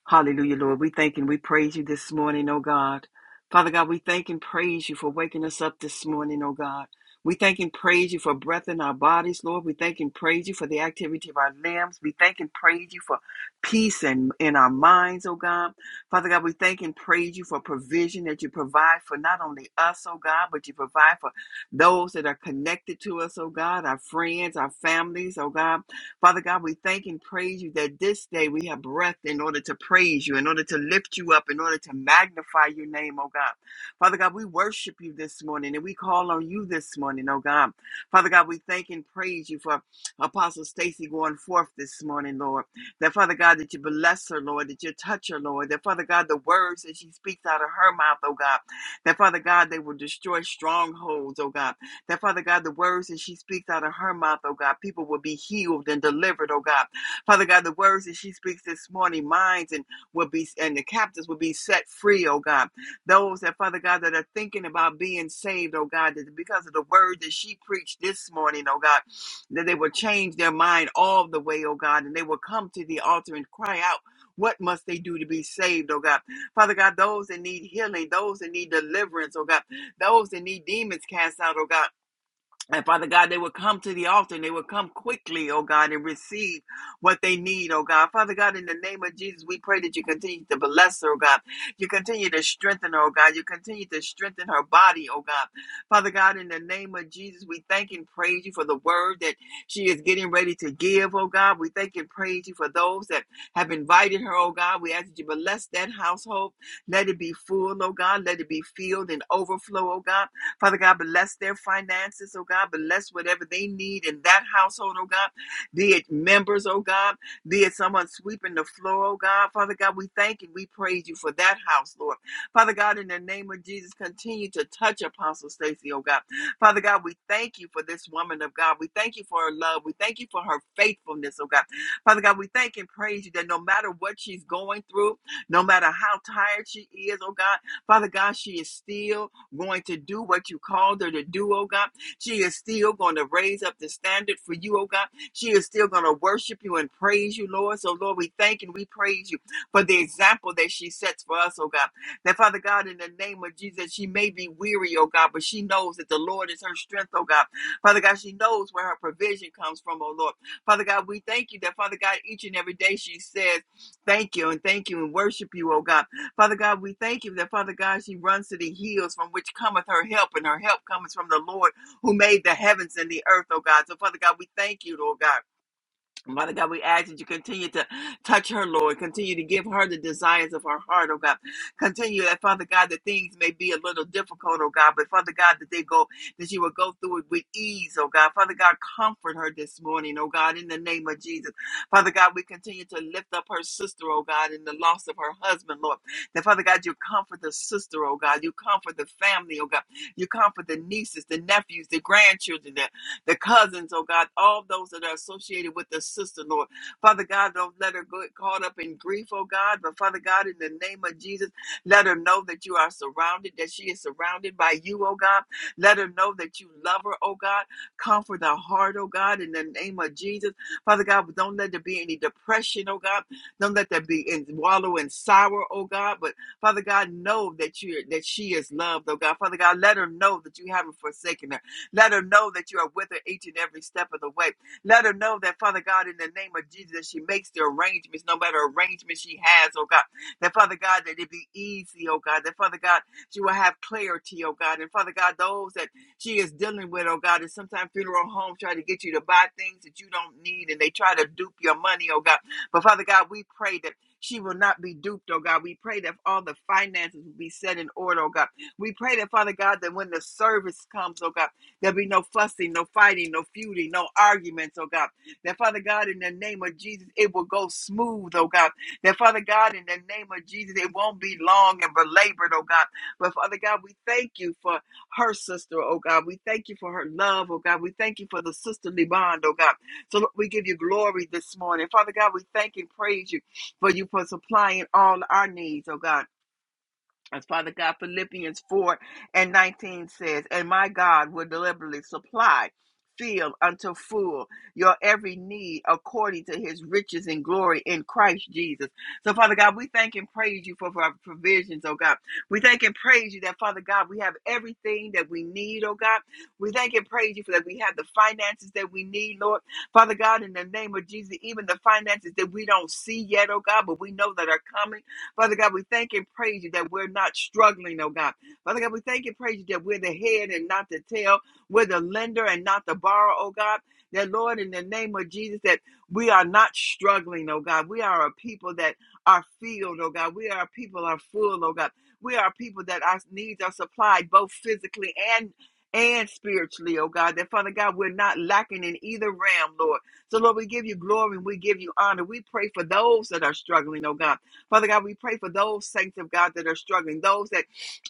[SPEAKER 3] Hallelujah, Lord. We thank and we praise you this morning, oh God. Father God, we thank and praise you for waking us up this morning, oh God. We thank and praise you for breath in our bodies, Lord. We thank and praise you for the activity of our limbs. We thank and praise you for peace and in in our minds, oh God. Father God, we thank and praise you for provision that you provide for not only us, oh God, but you provide for those that are connected to us, oh God, our friends, our families, oh God. Father God, we thank and praise you that this day we have breath in order to praise you, in order to lift you up, in order to magnify your name, oh God. Father God, we worship you this morning and we call on you this morning, oh God. Father God, we thank and praise you for Apostle Stacy going forth this morning, Lord. That Father God, that you bless her, Lord, that you touch her, Lord. That Father God, the words that she speaks out of her mouth, oh God. That Father God, they will destroy strongholds, oh God. That, Father God, the words that she speaks out of her mouth, oh God, people will be healed and delivered, oh God. Father God, the words that she speaks this morning, minds and will be and the captives will be set free, oh God. Those that, Father God, that are thinking about being saved, oh God, that because of the word that she preached this morning, oh God, that they will change their mind all the way, oh God, and they will come to the altar and cry out. What must they do to be saved, oh God? Father God, those that need healing, those that need deliverance, oh God, those that need demons cast out, oh God. And Father God, they would come to the altar and they would come quickly, oh God, and receive what they need, oh God. Father God, in the name of Jesus, we pray that you continue to bless her, oh God. You continue to strengthen her, oh God. You continue to strengthen her body, oh God. Father God, in the name of Jesus, we thank and praise you for the word that she is getting ready to give, oh God. We thank and praise you for those that have invited her, oh God. We ask that you bless that household. Let it be full, oh God. Let it be filled and overflow, oh God. Father God, bless their finances, oh God. Bless whatever they need in that household, oh God. Be it members, oh God. Be it someone sweeping the floor, oh God. Father God, we thank and we praise you for that house, Lord. Father God, in the name of Jesus, continue to touch Apostle Stacy, oh God. Father God, we thank you for this woman of God. We thank you for her love. We thank you for her faithfulness, oh God. Father God, we thank and praise you that no matter what she's going through, no matter how tired she is, oh God, Father God, she is still going to do what you called her to do, oh God. She is still going to raise up the standard for you, oh God. She is still going to worship you and praise you, Lord. So, Lord, we thank and we praise you for the example that she sets for us, oh God. That, Father God, in the name of Jesus, she may be weary, oh God, but she knows that the Lord is her strength, oh God. Father God, she knows where her provision comes from, oh Lord. Father God, we thank you that, Father God, each and every day she says, Thank you and thank you and worship you, oh God. Father God, we thank you that, Father God, she runs to the hills from which cometh her help, and her help cometh from the Lord who made the heavens and the earth, oh God. So, Father God, we thank you, Lord God. Father God, we ask that you continue to touch her, Lord. Continue to give her the desires of her heart, oh God. Continue that, Father God, that things may be a little difficult, oh God, but Father God, that they go, that she will go through it with ease, oh God. Father God, comfort her this morning, oh God, in the name of Jesus. Father God, we continue to lift up her sister, oh God, in the loss of her husband, Lord. That, Father God, you comfort the sister, oh God. You comfort the family, oh God. You comfort the nieces, the nephews, the grandchildren, the cousins, oh God, all those that are associated with the sister, Lord. Father God, don't let her get caught up in grief, oh God, but Father God, in the name of Jesus, let her know that you are surrounded, that she is surrounded by you, oh God. Let her know that you love her, oh God. Comfort her heart, oh God, in the name of Jesus. Father God, but don't let there be any depression, oh God. Don't let there be in wallow in sorrow, oh God. But Father God, know that you that she is loved, oh God. Father God, let her know that you haven't forsaken her let her know that you are with her each and every step of the way. Let her know that, Father God, in the name of Jesus, that she makes the arrangements, no matter arrangement she has, oh God. That, Father God, that it be easy, oh God. That, Father God, she will have clarity, oh God. And, Father God, those that she is dealing with, oh God, and sometimes funeral homes try to get you to buy things that you don't need and they try to dupe your money, oh God. But, Father God, we pray that she will not be duped, oh God. We pray that all the finances will be set in order, oh God. We pray that, Father God, that when the service comes, oh God, There'll be no fussing, no fighting, no feuding, no arguments, oh God. That Father God, in the name of Jesus, it will go smooth, oh God. That Father God, in the name of Jesus, it won't be long and belabored, oh God. But Father God, we thank you for her sister, oh God. We thank you for her love, oh God. We thank you for the sisterly bond, oh God. So Lord, we give you glory this morning. Father God, we thank and praise you for you for supplying all our needs, oh God. As Father God, Philippians 4 and 19 says, And my God will deliberately supply, fill unto full your every need according to his riches and glory in Christ Jesus. So, Father God, we thank and praise you for, for our provisions, oh God. We thank and praise you that, Father God, we have everything that we need, oh God. We thank and praise you for that we have the finances that we need, Lord. Father God, in the name of Jesus, even the finances that we don't see yet, oh God, but we know that are coming. Father God, we thank and praise you that we're not struggling, oh God. Father God, we thank and praise you that we're the head and not the tail. We're the lender and not the borrower, oh God. That Lord, in the name of Jesus, that we are not struggling, oh God. We are a people that are filled, oh God. We are a people that are full, oh God. We are a people that our needs are supplied both physically and and spiritually, oh God, that Father God, we're not lacking in either realm, Lord. So, Lord, we give you glory and we give you honor. We pray for those that are struggling, oh God. Father God, we pray for those saints of God that are struggling, those that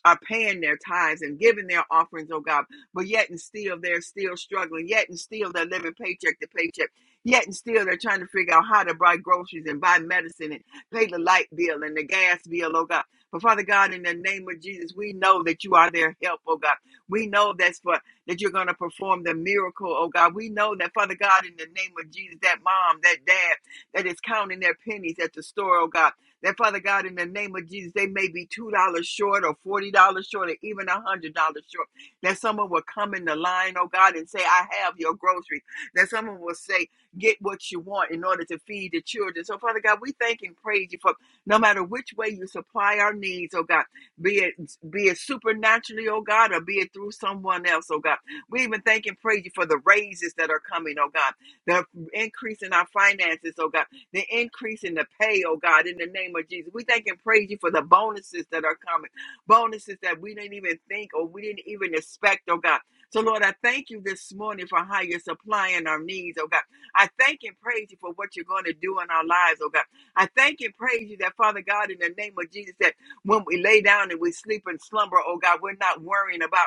[SPEAKER 3] are paying their tithes and giving their offerings, oh God, but yet and still they're still struggling, yet and still they're living paycheck to paycheck, yet and still they're trying to figure out how to buy groceries and buy medicine and pay the light bill and the gas bill, oh God. But Father God, in the name of Jesus, we know that you are their help, oh God. We know that's for that you're going to perform the miracle, oh God. We know that, Father God, in the name of Jesus, that mom, that dad that is counting their pennies at the store, oh God. That Father God, in the name of Jesus, they may be $2 short or $40 short or even $100 short. That someone will come in the line, oh God, and say, I have your groceries. That someone will say, Get what you want in order to feed the children. So, Father God, we thank and praise you for no matter which way you supply our needs, oh God, be it be it supernaturally, oh God, or be it through someone else, oh God. We even thank and praise you for the raises that are coming, oh God, the increase in our finances, oh God the increase in the pay, oh God, in the name of Jesus. We thank and praise you for the bonuses that are coming, bonuses that we didn't even think or we didn't even expect, oh God. So, Lord, I thank you this morning for how you're supplying our needs, oh God. I thank and praise you for what you're going to do in our lives, oh God. I thank and praise you that, Father God, in the name of Jesus, that when we lay down and we sleep and slumber, oh God, we're not worrying about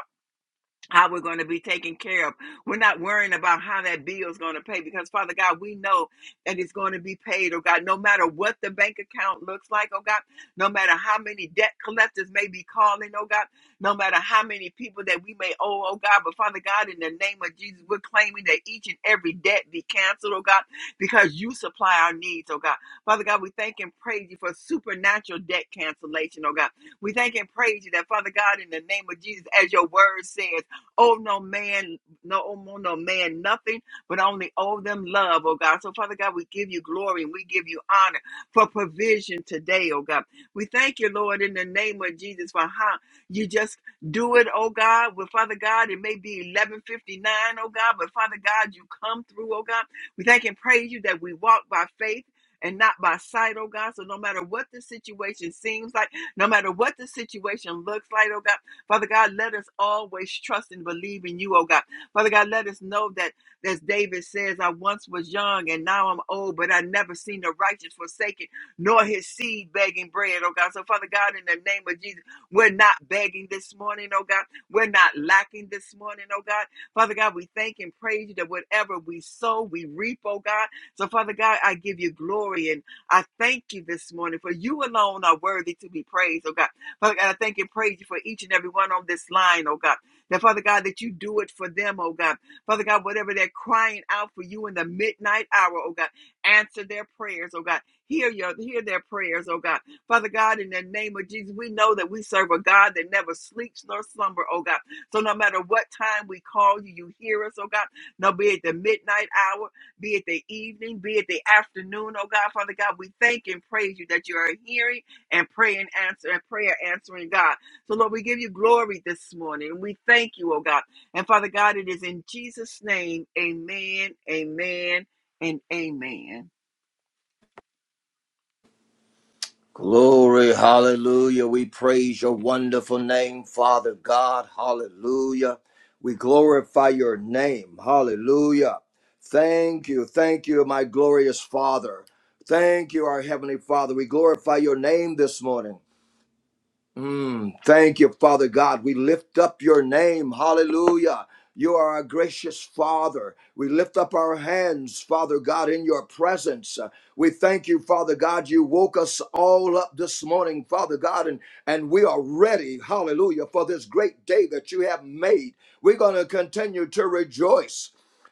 [SPEAKER 3] how we're going to be taken care of. We're not worrying about how that bill is going to pay because, Father God, we know that it's going to be paid, oh God, no matter what the bank account looks like, oh God, no matter how many debt collectors may be calling, oh God, no matter how many people that we may owe, oh God, but Father God, in the name of Jesus, we're claiming that each and every debt be canceled, oh God, because you supply our needs, oh God. Father God, we thank and praise you for supernatural debt cancellation, oh God. We thank and praise you that, Father God, in the name of Jesus, as your word says, owe no man, no owe no man nothing, but only owe them love, oh God. So, Father God, we give you glory and we give you honor for provision today, oh God. We thank you, Lord, in the name of Jesus, for how you just do it, oh God. Well, Father God, it may be 1159, oh God, but Father God, you come through, oh God. We thank and praise you that we walk by faith. And not by sight, oh God. So no matter what the situation seems like, no matter what the situation looks like, oh God. Father God, let us always trust and believe in you, oh God. Father God, let us know that, as David says, I once was young and now I'm old, but I never seen the righteous forsaken, nor his seed begging bread, oh God. So, Father God, in the name of Jesus, we're not begging this morning, oh God. We're not lacking this morning, oh God. Father God, we thank and praise you that whatever we sow, we reap, oh God. So, Father God, I give you glory and I thank you this morning for you alone are worthy to be praised, oh God. Father God, I thank and praise you for each and every one on this line, oh God. That Father God, that you do it for them, oh God. Father God, whatever they're crying out for you in the midnight hour, oh God, answer their prayers, oh God. Hear your hear their prayers, oh God. Father God, in the name of Jesus, we know that we serve a God that never sleeps nor slumber, oh God. So no matter what time we call you, you hear us, oh God. No, be it the midnight hour, be it the evening, be it the afternoon, oh God, Father God, we thank and praise you that you are hearing and pray and answer and prayer answering God. So Lord, we give you glory this morning. We thank you, oh God. And Father God, it is in Jesus' name, amen, amen, and amen.
[SPEAKER 4] Glory, hallelujah. We praise your wonderful name, Father God. Hallelujah. We glorify your name. Hallelujah. Thank you. Thank you, my glorious Father. Thank you, our Heavenly Father. We glorify your name this morning. Mm, thank you, Father God. We lift up your name. Hallelujah. You are a gracious Father. We lift up our hands, Father God, in your presence. Uh, We thank you, Father God. You woke us all up this morning, Father God, and, and we are ready, hallelujah, for this great day that you have made. We're going to continue to rejoice.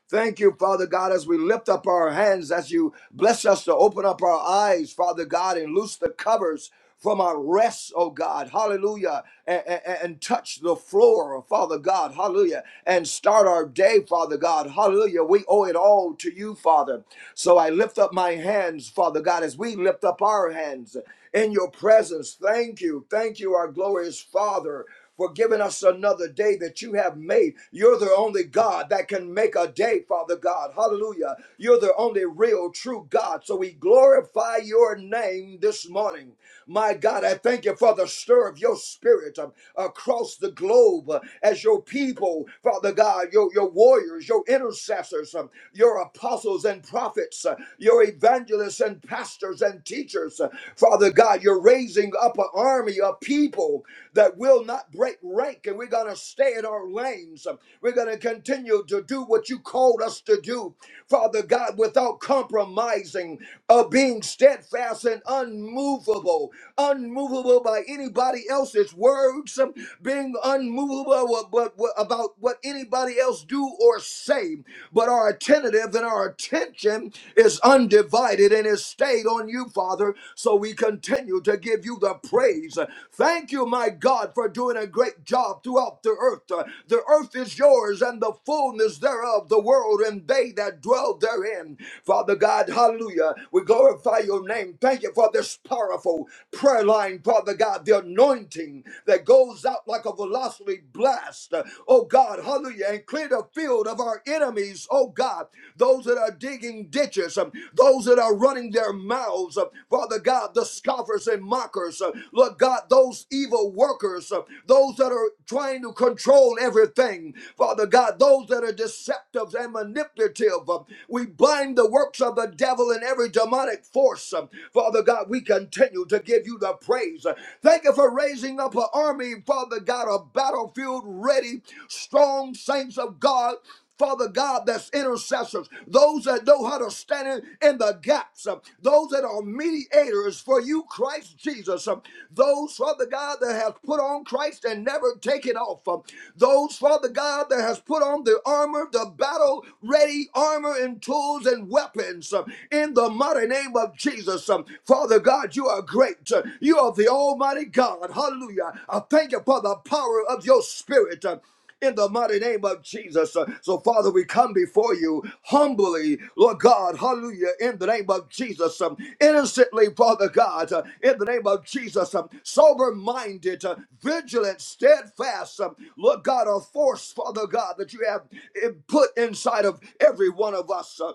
[SPEAKER 4] Thank you, Father God, as we lift up our hands, as you bless us to open up our eyes, Father God, and loose the covers from our rest, oh God, hallelujah, and, and, and touch the floor, Father God, hallelujah, and start our day, Father God, hallelujah. We owe it all to you, Father. So I lift up my hands, Father God, as we lift up our hands in your presence. Thank you, thank you, our glorious Father for giving us another day that you have made. You're the only God that can make a day, Father God. Hallelujah. You're the only real, true God. So we glorify your name this morning. My God, I thank you for the stir of your spirit um, across the globe uh, as your people, Father God, your, your warriors, your intercessors, um, your apostles and prophets, uh, your evangelists and pastors and teachers, uh, Father Father God, you're raising up an army of people that will not break rank, and we're going to stay in our lanes. We're going to continue to do what you called us to do, Father God, without compromising, of being steadfast and unmovable, unmovable by anybody else's words, being unmovable about about what anybody else do or say, but our attentive and our attention attention is undivided and is stayed on you, Father. So we continue to give you the praise. Thank you, my God, for doing a great job throughout the earth. Uh, The earth is yours and the fullness thereof, the world and they that dwell therein. Father God, hallelujah. We glorify your name. Thank you for this powerful prayer line, Father God, the anointing that goes out like a velocity blast, uh, oh God, hallelujah, and clear the field of our enemies, oh God, those that are digging ditches, um, those that are running their mouths, uh, Father God, the scoffers and mockers, uh, Lord God, those evil workers, uh, those that are trying to control everything, Father God, those that are deceptive and manipulative, uh, we bind the works of the devil and every demonic force. um, Father God, we continue to give you the praise. Thank you for raising up an army, Father God, a battlefield ready, strong saints of God. Father God, that's intercessors, those that know how to stand in, the gaps, uh, those that are mediators for you, Christ Jesus, uh, those, Father God, that has put on Christ and never taken off, uh, those, Father God, that has put on the armor, the battle ready armor and tools and weapons, in in the mighty name of Jesus. Um, Father God, you are great. Uh, You are the Almighty God. Hallelujah. I thank you for the power of your spirit. Uh, in the mighty name of Jesus. Uh, So, Father, we come before you humbly, Lord God, hallelujah, in the name of Jesus. Um, Innocently, Father God, uh, in the name of Jesus. Sober minded, vigilant, steadfast, um, Lord God, a force, Father God, that you have uh, put inside of every one of us. Uh,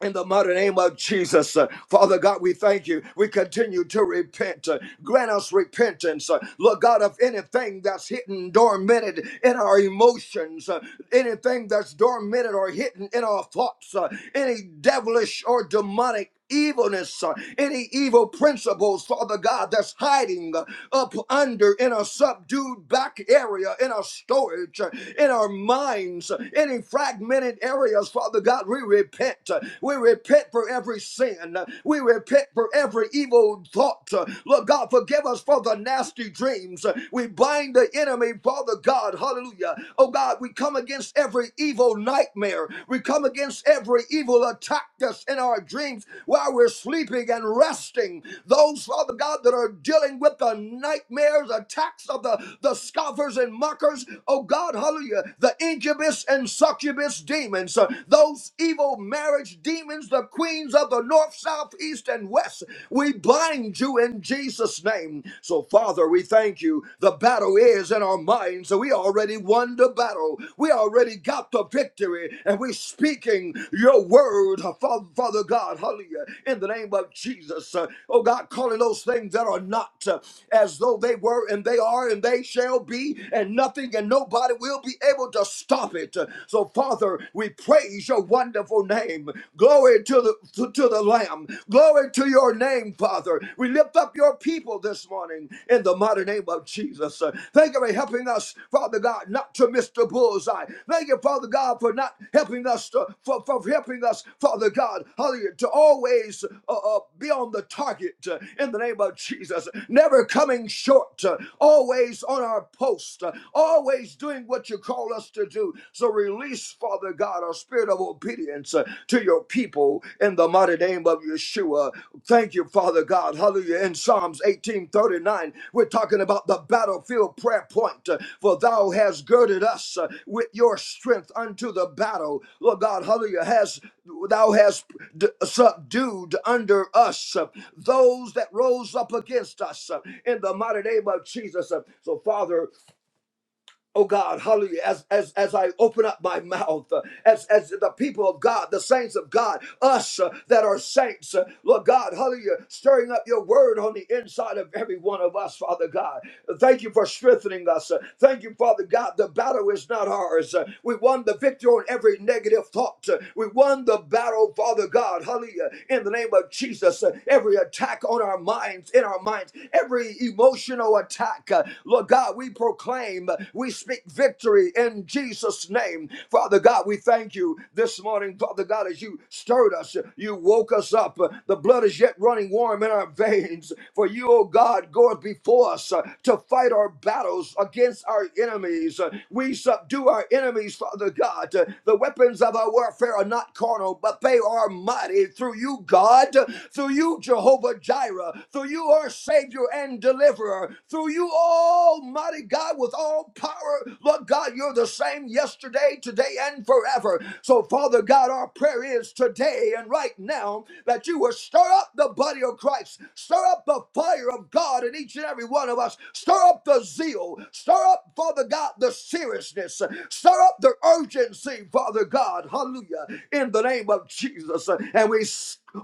[SPEAKER 4] in the mighty name of Jesus. Uh, Father God, we thank you. We continue to repent. Uh, Grant us repentance. Uh, Lord God, of anything that's hidden, dormanted in our emotions, uh, anything that's dormanted or hidden in our thoughts, uh, any devilish or demonic evilness, uh, any evil principles, Father God, that's hiding uh, up under in a subdued back area, in our storage, uh, in our minds, uh, any fragmented areas, Father God, we repent. uh, We repent for every sin. uh, We repent for every evil thought. uh, Lord God, forgive us for the nasty dreams. uh, We bind the enemy, Father God, hallelujah. Oh God, we come against every evil evil nightmare. We come against every evil attack us in our dreams while we're sleeping and resting. Those, Father God, that are dealing with the nightmares, attacks of the, the scoffers and mockers, oh God, hallelujah, the incubus and succubus demons, uh, those evil marriage demons, the queens of the north, south, east, and west, we bind you in Jesus' name. So, Father, we thank you the battle is in our minds. so We already won the battle. We already got the victory. And we're speaking your word, Father, Father God, hallelujah, in the name of Jesus. Uh, Oh God, calling those things that are not uh, as though they were and they are and they shall be, and nothing and nobody will be able to stop it. Uh, So, Father, we praise your wonderful name. Glory to the to, to the Lamb. Glory to your name, Father. We lift up your people this morning in the mighty name of Jesus. Uh, Thank you for helping us, Father God, not to miss the bullseye. Thank you, Father God, for not helping us to, for, for helping us, Father God, hallelujah, to always uh, uh, be on the target uh, in the name of Jesus. Never coming short, uh, always on our post, uh, always doing what you call us to do. So release, Father God out a spirit of obedience uh, to your people in the mighty name of Yeshua. Thank you, Father God. Hallelujah. In Psalms 18:39, we're talking about the battlefield prayer point. uh, For thou hast girded us uh, with your strength unto the battle. Lord God, hallelujah, has thou hast d- subdued under us uh, those that rose up against us uh, in the mighty name of Jesus. Uh, So, Father, Oh God, hallelujah. As, as, as I open up my mouth, uh, as, as the people of God, the saints of God, us uh, that are saints, uh, Lord God, hallelujah, stirring up your word on the inside of every one of us, Father God. Thank you for strengthening us. Uh, Thank you, Father God. The battle is not ours. Uh, We won the victory on every negative thought. Uh, We won the battle, Father God, hallelujah, in the name of Jesus. Uh, Every attack on our minds, in our minds, every emotional attack, uh, Lord God, we proclaim name. We speak victory in Jesus' name. Father God, we thank you this morning, Father God, as you stirred us, you woke us up. The blood is yet running warm in our veins. For you, O God, goeth before us uh, to fight our battles against our enemies. Uh, We subdue our enemies, Father God. Uh, The weapons of our warfare are not carnal, but they are mighty through you, God, uh, through you, Jehovah Jireh, through you, our Savior and Deliverer, through you, Almighty God. God, with all power. Lord God, you're the same yesterday, today, and forever. So, Father God, our prayer is today and right now that you will stir up the body of Christ, stir up the fire of God in each and every one of us, stir up the zeal, stir up, Father God, the seriousness, stir up the urgency, Father God, hallelujah, in the name of Jesus. And we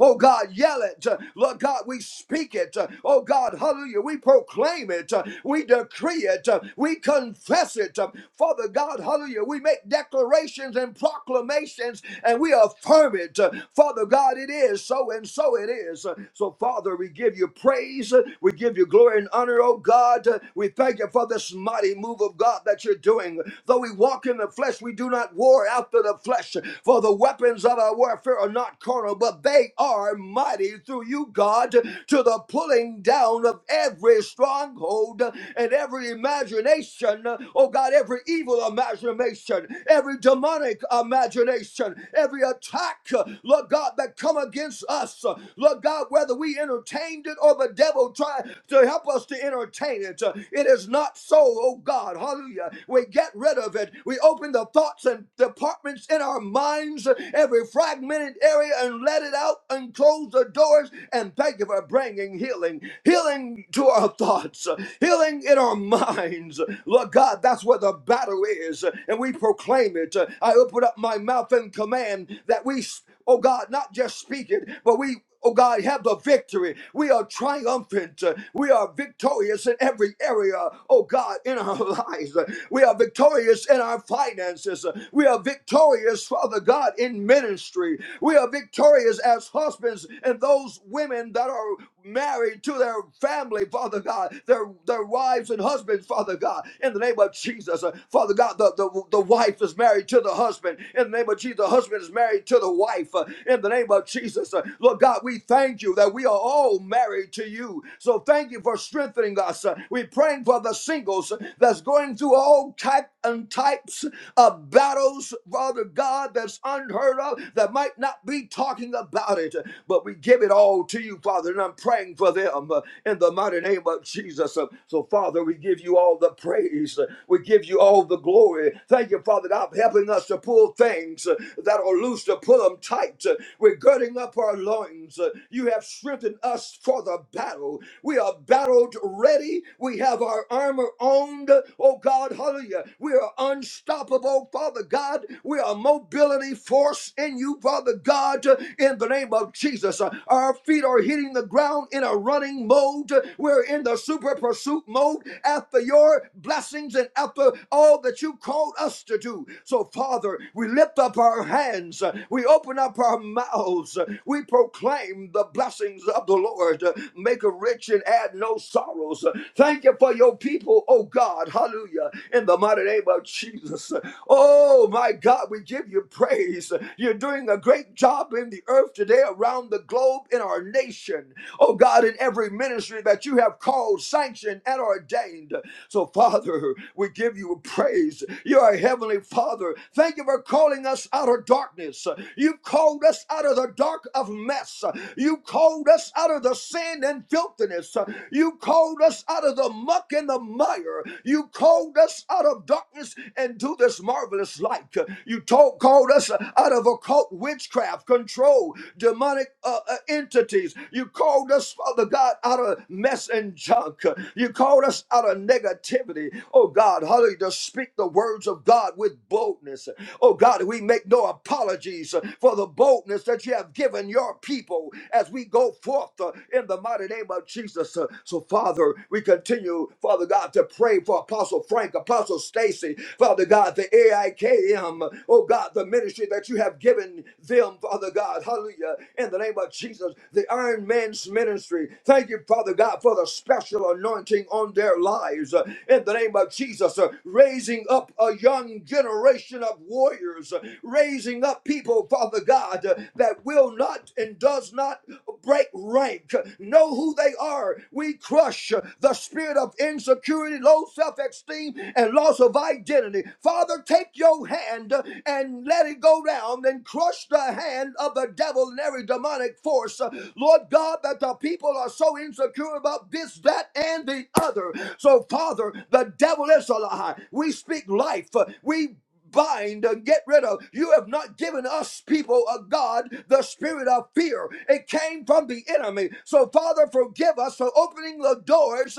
[SPEAKER 4] Oh God, yell it. Lord God, we speak it. Oh God, hallelujah. We proclaim it. We decree it it. uh, We confess it. uh, Father God, hallelujah. We make declarations and proclamations and we affirm it. uh, Father God, it is so and so it is. Uh, So, Father, we give you praise. uh, We give you glory and honor, oh God. Uh, We thank you for this mighty move of God that you're doing. Though we walk in the flesh, we do not war after the flesh. For the weapons of our warfare are not carnal, but they are mighty through you, God, to the pulling down of every stronghold and every imagination, oh God, every evil imagination, every demonic imagination, every attack, Lord God, that come against us, Lord God, whether we entertained it or the devil tried to help us to entertain it. It is not so, oh God, hallelujah. We get rid of it. We open the thoughts and departments in our minds, every fragmented area, and let it out and close the doors. And thank you for bringing healing, healing to our thoughts, healing healing in our minds. Lord God, that's where the battle is, and we proclaim it. I open up my mouth and command that we, oh God, not just speak it, but we Oh God, have the victory. We are triumphant. We are victorious in every area, oh God, in our lives. We are victorious in our finances. We are victorious, Father God, in ministry. We are victorious as husbands and those women that are married to their family, Father God, their, their wives and husbands, Father God, in the name of Jesus. Uh, Father God, the, the, the wife is married to the husband, in the name of Jesus. The husband is married to the wife, uh, in the name of Jesus. Uh, Lord God, we thank you that we are all married to you. So thank you for strengthening us. Uh, We're praying for the singles that's going through all type and types of battles, Father God, that's unheard of, that might not be talking about it. But we give it all to you, Father. Father, and I'm praying for them uh, in the mighty name of Jesus. Uh, So, Father, we give you all the praise. Uh, We give you all the glory. Thank you, Father, that I'm helping us to pull things uh, that are loose, to pull them tight. Uh, We're girding up our loins. Uh, You have strengthened us for the battle. We are battled ready. We have our armor on. Oh, God, hallelujah. We are unstoppable, Father God. We are mobility force in you, Father God, uh, in the name of Jesus. Uh, Our feet are are hitting the ground in a running mode. We're in the super pursuit mode after your blessings and after all that you called us to do. So, Father, we lift up our hands, we open up our mouths, we proclaim the blessings of the Lord. Make a rich and add no sorrows. Thank you for your people, oh God. Hallelujah. In the mighty name of Jesus. Oh my God, we give you praise. You're doing a great job in the earth today around the globe in our our nation, oh God, in every ministry that you have called, sanctioned, and ordained. So, Father, we give you praise. You are a heavenly Father. Thank you for calling us out of darkness. You called us out of the dark of mess. You called us out of the sin and filthiness. You called us out of the muck and the mire. You called us out of darkness and to this marvelous light. You told, called us out of occult witchcraft, control, demonic uh, uh, entities. You called us, Father God, out of mess and junk. You called us out of negativity. Oh God, hallelujah, to speak the words of God with boldness. Oh God, we make no apologies for the boldness that you have given your people as we go forth uh, in the mighty name of Jesus. Uh, So, Father, we continue, Father God, to pray for Apostle Frank, Apostle Stacy, Father God, the AIKM, oh God, the ministry that you have given them, Father God, hallelujah, in the name of name of Jesus, the Iron Man's ministry. Thank you, Father God, for the special anointing on their lives. Uh, In the name of Jesus, uh, raising up a young generation of warriors, uh, raising up people, Father God, uh, that will not and does not break rank. Know who they are. We crush uh, the spirit of insecurity, low self esteem, and loss of identity. Father, take your hand uh, and let it go down and crush the hand of the devil in every demonic force. Uh, Lord God, that the people are so insecure about this, that, and the other. So, Father, the devil is a lie. We speak life. Uh, We bind and get rid of. You have not given us people of God the spirit of fear. It came from the enemy. So Father, forgive us for opening the doors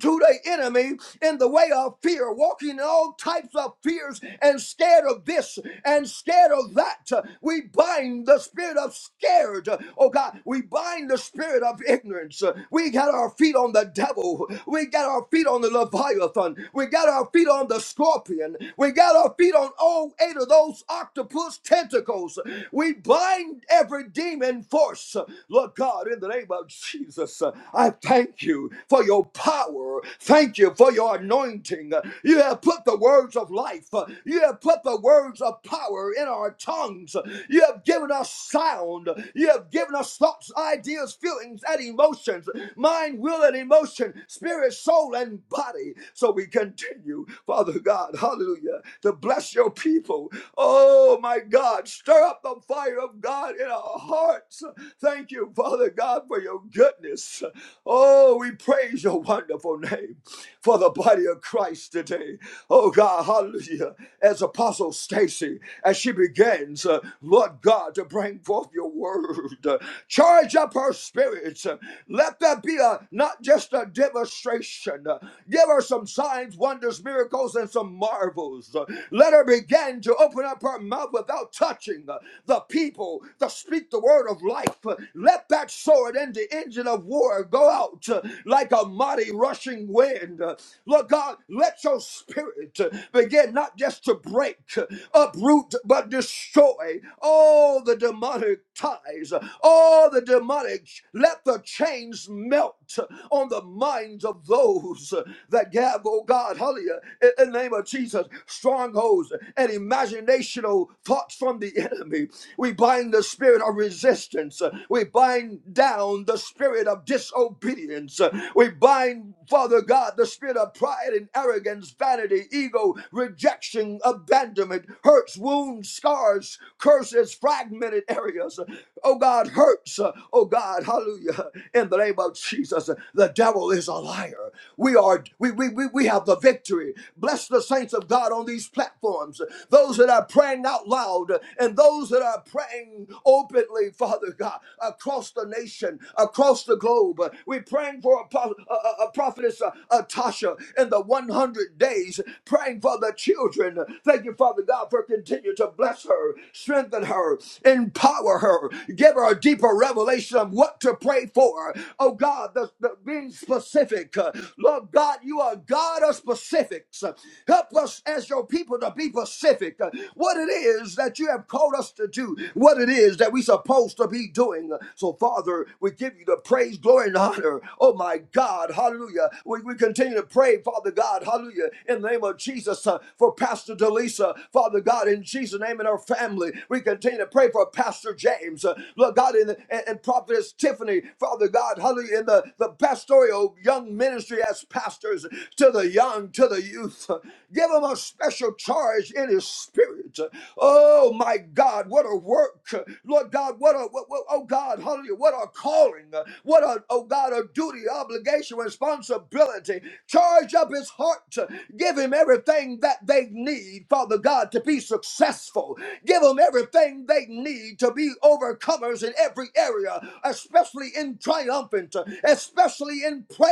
[SPEAKER 4] to the enemy in the way of fear, walking in all types of fears and scared of this and scared of that. We bind the spirit of scared. Oh God, we bind the spirit of ignorance. We got our feet on the devil. We got our feet on the Leviathan. We got our feet on the scorpion. We got our feet on all eight of those octopus tentacles. We bind every demon force. Lord God, in the name of Jesus, I thank you Thank you for your power. Thank you for your anointing. You have put the words of life. You have put the words of power in our tongues. You have given us sound. You have given us thoughts, ideas, feelings, and emotions mind, will, and emotion, spirit, soul, and body. So we continue, Father God, hallelujah, to bless your people. Oh, my God, stir up the fire of God in our hearts. Thank you, Father God, for your goodness goodness. Oh, we praise your wonderful name for the body of Christ today. Oh God, hallelujah. As Apostle Stacy, as she begins, uh, Lord God, to bring forth your word, uh, charge up her spirits. Uh, Let that be a not just a demonstration. Uh, Give her some signs, wonders, miracles, and some marvels. Uh, Let her begin to open up her mouth without touching uh, the people, to speak the word of life. Uh, let that sword and the engine of war go out uh, like a mighty rushing wind. Uh, Lord God, let your spirit uh, begin not just to break, uh, uproot, but destroy all the demonic ties, uh, all the demonic. Let the chains melt uh, on the minds of those uh, that gather, oh God, hallelujah, in in the name of Jesus, strongholds and imaginational thoughts from the enemy. We bind the spirit of our resistance. Uh, We bind down the spirit of disobedience. Uh, We bind, Father God, the spirit of pride and arrogance, vanity, ego, rejection, abandonment, hurts, wounds, scars, curses, fragmented areas. Uh, Oh God, hurts. Uh, Oh God, hallelujah. In the name of Jesus, uh, the devil is a liar. We are we we we, we have the victory. Bless the saints of God on these platforms. Those that are praying out loud and those that that are praying openly, Father God, across the nation, across the globe. We're praying for a, prophetess uh, uh, Tasha in the 100 days, praying for the children. Thank you, Father God, for continue to bless her, strengthen her, empower her, give her a deeper revelation of what to pray for. Oh God, the, the being specific. Uh, Lord God, you are God of specifics. Help us as your people to be specific. Uh, What it is is that you have called us to do, what it is that we're supposed to be doing. So, Father, we give you the praise, glory, and honor. Oh, my God, hallelujah. We, we continue to pray, Father God, hallelujah, in the name of Jesus uh, for Pastor Delisa, Father God, in Jesus' name and her family. We continue to pray for Pastor James, uh, Lord God, in, the, and, and Prophetess Tiffany, Father God, hallelujah, in the, the pastoral young ministry as pastors to the young, to the youth. Give them a special charge is in his spirit. Oh my God, what a work. Lord God, what a, what, what- oh God, hallelujah, what a calling. What a, oh God, a duty, obligation, responsibility. Charge up his heart. Give him everything that they need, Father God, to be successful. Give them everything they need to be overcomers in every area, especially in triumphant, especially in prayer.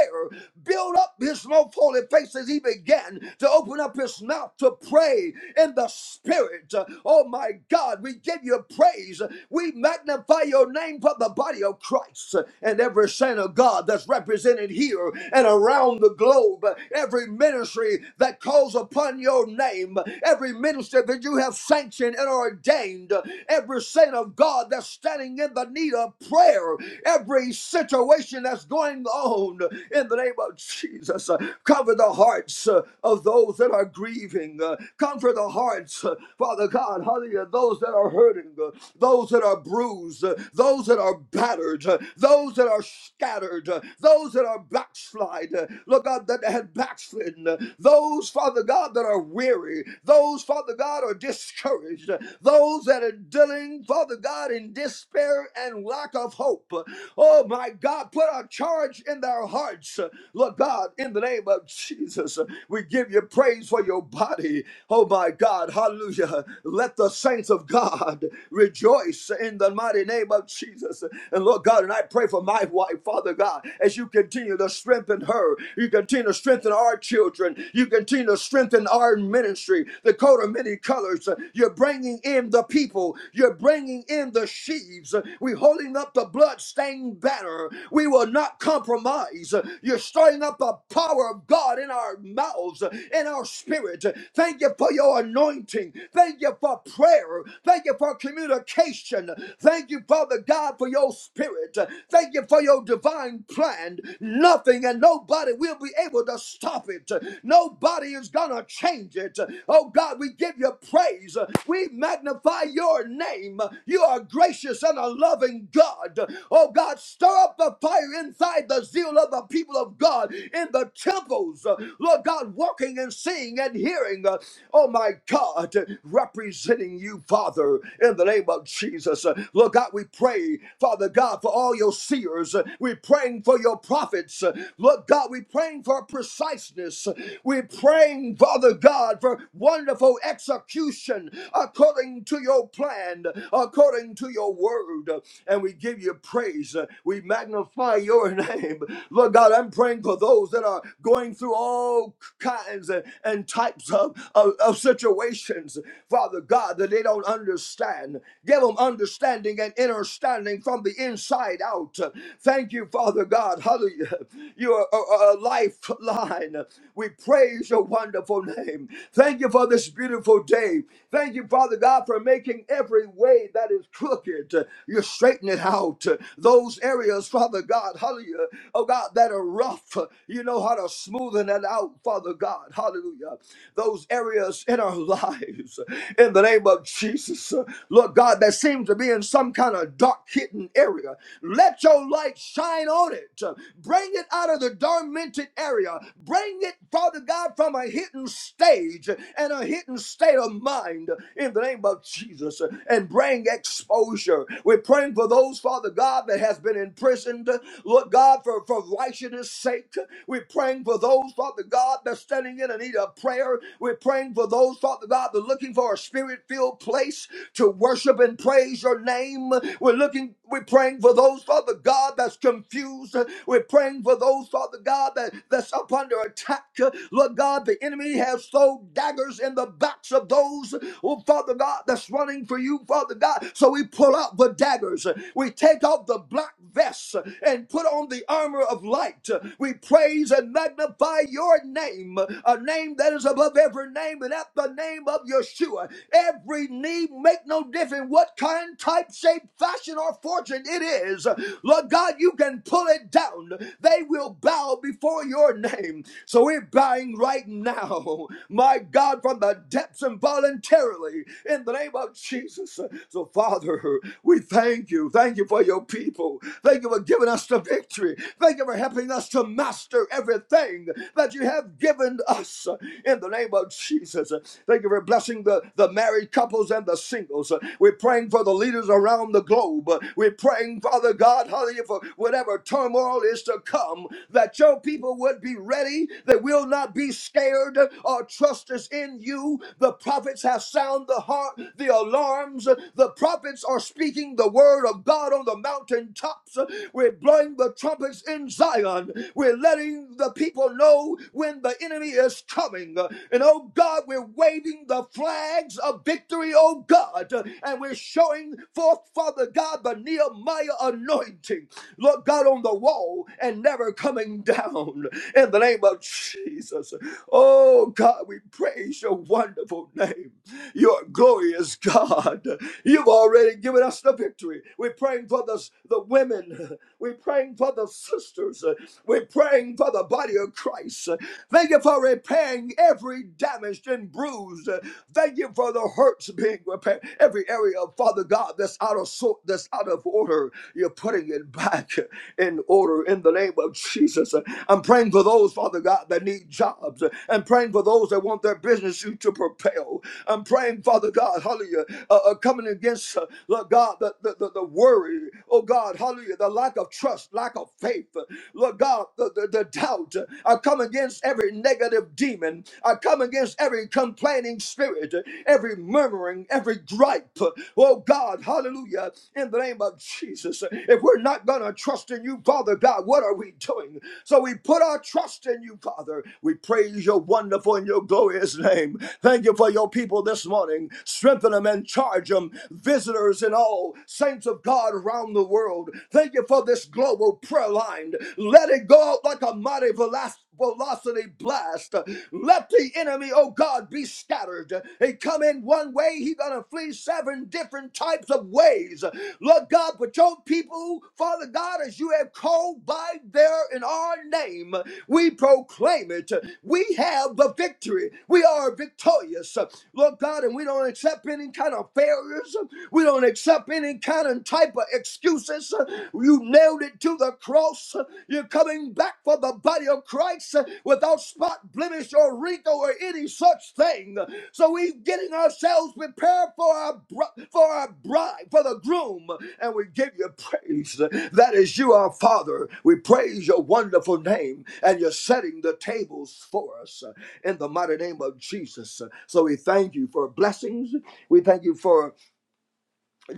[SPEAKER 4] Build up his most holy face as he began to open up his purpose not to pray in the spirit. Oh my God, we give you praise. We magnify your name for the body of Christ and every saint of God that's represented here and around the globe. Every ministry that calls upon your name, every minister that you have sanctioned and ordained, every saint of God that's standing in the need of prayer, every situation that's going on in the name of Jesus. Cover the hearts hearts uh, of those that are grieving. uh, Comfort the hearts, uh, Father God, hallelujah, those that are hurting, uh, those that are bruised, uh, those that are battered, uh, those that are scattered, uh, those that are backslide, uh, Lord God, that had backslidden, uh, those, Father God, that are weary, those, Father God, are discouraged, uh, those that are dealing, Father God, in despair and lack of hope. Uh, Oh my God, put a charge in their hearts, uh, Lord God, in the name of Jesus, we give you praise for your body. Oh my God, hallelujah. Let the saints of God rejoice in the mighty name of Jesus. And Lord God, and I pray for my wife, Father God, as you continue to strengthen her, you continue to strengthen our children, you continue to strengthen our ministry, the coat of many colors. You're bringing in the people, you're bringing in the sheaves. We're holding up the blood stained banner. We will not compromise praise. You're stirring up the power of God in our mouths, in our spirit. Thank you for your anointing. Thank you for prayer. Thank you for communication. Thank you, Father God, for your spirit. Thank you for your divine plan. Nothing and nobody will be able to stop it. Nobody is going to change it. Oh God, we give you praise. We magnify your name. You are gracious and a loving God. Oh God, stir up the fire fire inside the zeal of the people of God in the temples. Uh, Lord God, walking and seeing and hearing. Uh, Oh my God, uh, representing you, Father, in the name of Jesus. Uh, Lord God, we pray, Father God, for all your seers. Uh, We're praying for your prophets. Uh, Lord God, we're praying for preciseness. Uh, We're praying, Father God, for wonderful execution according to your plan, according to your word. And we give you praise praise. Uh, We magnify your name. Lord God, I'm praying for those that are going through all kinds and, and types of, of, of situations, Father God, that they don't understand. Give them understanding and understanding from the inside out. Thank you, Father God. Hallelujah. You are a a lifeline. We praise your wonderful name. Thank you for this beautiful day. Thank you, Father God, for making every way that is crooked. You're straightening out uh, those areas, Father God, hallelujah, oh God, that are rough. Uh, You know how to smoothen it out, Father God, hallelujah. Those areas in our lives, uh, in the name of Jesus, uh, Lord God, that seems to be in some kind of dark hidden area. Let your light shine on it. Uh, Bring it out of the dormant area. Bring it, Father God, from a hidden stage and a hidden state of mind in the name of Jesus. And bring praying exposure. We're praying for those, Father God, that has been imprisoned. Lord God, for, for righteousness' sake. We're praying for those, Father God, that's standing in a need of prayer. We're praying for those, Father God, that are looking for a spirit-filled place to worship and praise your name. We're looking, we're praying for those, Father God, that's confused. We're praying for those, Father God, that, that's up under attack. Lord God, the enemy has thrown daggers in the backs of those, oh Father God. God, that's running for you, Father God. So we pull out the daggers. We take off the black vests and put on the armor of light. We praise and magnify your name, a name that is above every name, and at the name of Yeshua, every knee make no difference what kind, type, shape, fashion, or fortune it is. Lord God, you can pull it down. They will bow before your name. So we're bowing right now, my God, from the depths and voluntarily in the name of Jesus. So, Father, we thank you. Thank you for your people. Thank you for giving us the victory. Thank you for helping us to master everything that you have given us in the name of Jesus. Thank you for blessing the, the married couples and the singles. We're praying for the leaders around the globe. We're praying, Father God, hallelujah, for whatever turmoil is to come, that your people would be ready. They will not be scared or trusted justice in you. The prophets have sound the heart, the alarms. The prophets are speaking the word of God on the mountaintops. We're blowing the trumpets in Zion. We're letting the people know when the enemy is coming. And oh God, we're waving the flags of victory, oh God. And we're showing forth, Father God, the Nehemiah anointing. Lord God, on the wall and never coming down in the name of Jesus. Oh God, we praise your wonderful name. Your glorious God. You've already given us the victory. We're praying for the, the women. We're praying for the sisters. We're praying for the body of Christ. Thank you for repairing every damaged and bruised. Thank you for the hurts being repaired. Every area, Father God, that's out of sort, that's out of order, you're putting it back in order in the name of Jesus. I'm praying for those, Father God, that need jobs. I'm praying for those that want their business to to propel. I'm praying, Father God, hallelujah, uh, uh, coming against, uh, Lord God, the, the, the, the worry, oh God, hallelujah, the lack of trust, lack of faith, Lord God, the, the, the doubt. I come against every negative demon. I come against every complaining spirit, every murmuring, every gripe type. Oh God, hallelujah, in the name of Jesus. If we're not going to trust in you, Father God, what are we doing? So we put our trust in you, Father. We praise your wonderful and your glorious name. Thank you for your people this morning. Strengthen them and charge them, visitors and all, saints of God around the world. Thank you for this global prayer line. Let it go out like a mighty blast velocity blast. Let the enemy, oh God, be scattered. He come in one way, he gonna flee seven different types of ways. Lord God, but your people, Father God, as you have called by there in our name, we proclaim it. We have the victory. We are victorious. Lord God, and we don't accept any kind of failures. We don't accept any kind of type of excuses. You. You nailed it to the cross. You're coming back for the body of Christ without spot, blemish, or wrinkle, or any such thing. So we're getting ourselves prepared for our br- for our bride, for the groom, and we give you praise. That is you, our Father. We praise your wonderful name, and you're setting the tables for us in the mighty name of Jesus. So we thank you for blessings. We thank you for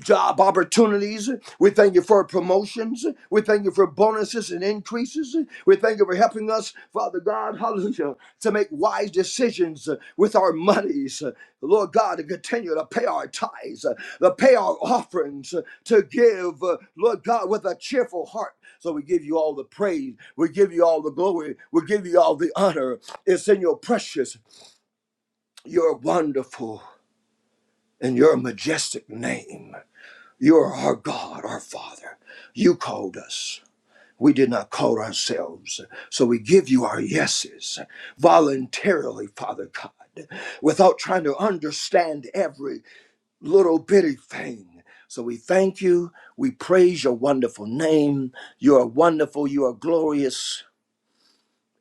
[SPEAKER 4] job opportunities. We thank you for promotions. We thank you for bonuses and increases. We thank you for helping us, Father God, hallelujah, to make wise decisions with our monies. Lord God, to continue to pay our tithes, to pay our offerings, to give, Lord God, with a cheerful heart. So we give you all the praise. We give you all the glory. We give you all the honor. It's in your precious, your wonderful, and your majestic name. You are our God, our Father. You called us. We did not call ourselves. So we give you our yeses voluntarily, Father God, without trying to understand every little bitty thing. So we thank you. We praise your wonderful name. You are wonderful. You are glorious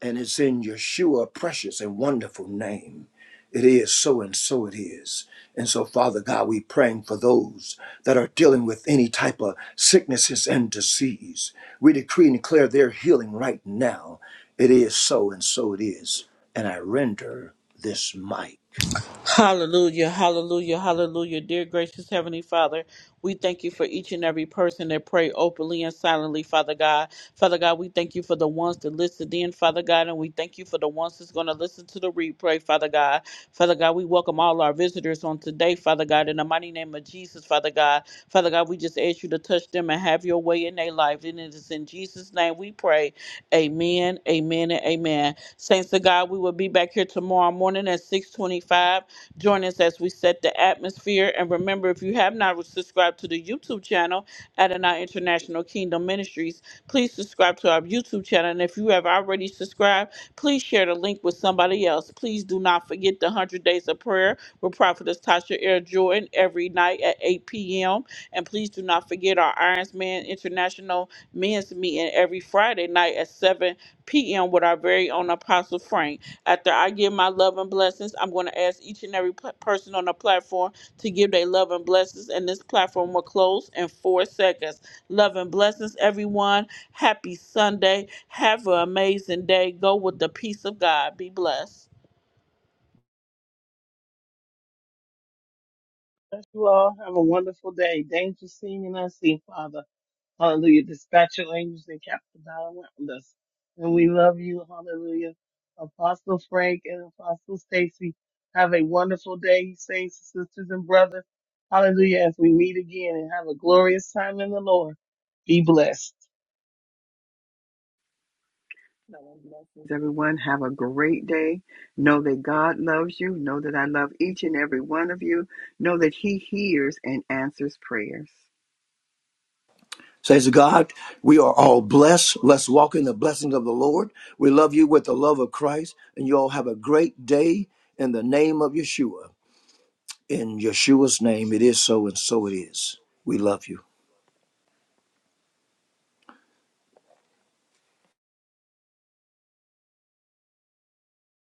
[SPEAKER 4] and it's in Yeshua precious and wonderful name. It is so and so it is. And so, Father God, we praying for those that are dealing with any type of sicknesses and disease. We decree and declare their healing right now. It is so and so it is. And I render this mic.
[SPEAKER 1] Hallelujah, hallelujah, hallelujah. Dear gracious Heavenly Father, we thank you for each and every person that pray openly and silently, Father God. Father God, we thank you for the ones that listened in, Father God, and we thank you for the ones that's going to listen to the replay, Father God. Father God, we welcome all our visitors on today, Father God, in the mighty name of Jesus, Father God. Father God, we just ask you to touch them and have your way in their life. And it is in Jesus' name we pray. Amen, amen, and amen. Saints of God, we will be back here tomorrow morning at 625. Join us as we set the atmosphere. And remember, if you have not subscribed to the YouTube channel, Adonai International Kingdom Ministries, please subscribe to our YouTube channel. And if you have already subscribed, please share the link with somebody else. Please do not forget the 100 Days of Prayer with Prophetess Tasha Air Jordan every night at 8 p.m. And please do not forget our Irons Man International Men's Meeting every Friday night at 7 p.m. with our very own Apostle Frank. After I give my love and blessings, I'm going to ask each and every pl- person on the platform to give their love and blessings, and this platform will close in four seconds. Love and blessings, everyone. Happy Sunday. Have an amazing day. Go with the peace of God. Be blessed.
[SPEAKER 2] Bless you all. Have a wonderful day. Thank you, seeing and unseen, Father. Hallelujah. Dispatch your angels and cap the battle around us. And we love you. Hallelujah. Apostle Frank and Apostle Stacy, have a wonderful day, saints, sisters, and brothers. Hallelujah. As we meet again and have a glorious time in the Lord. Be blessed.
[SPEAKER 3] Everyone have a great day. Know that God loves you. Know that I love each and every one of you. Know that He hears and answers prayers.
[SPEAKER 4] Says God, we are all blessed. Let's walk in the blessings of the Lord. We love you with the love of Christ, and you all have a great day in the name of Yeshua. In Yeshua's name, it is so and so it is. We love you.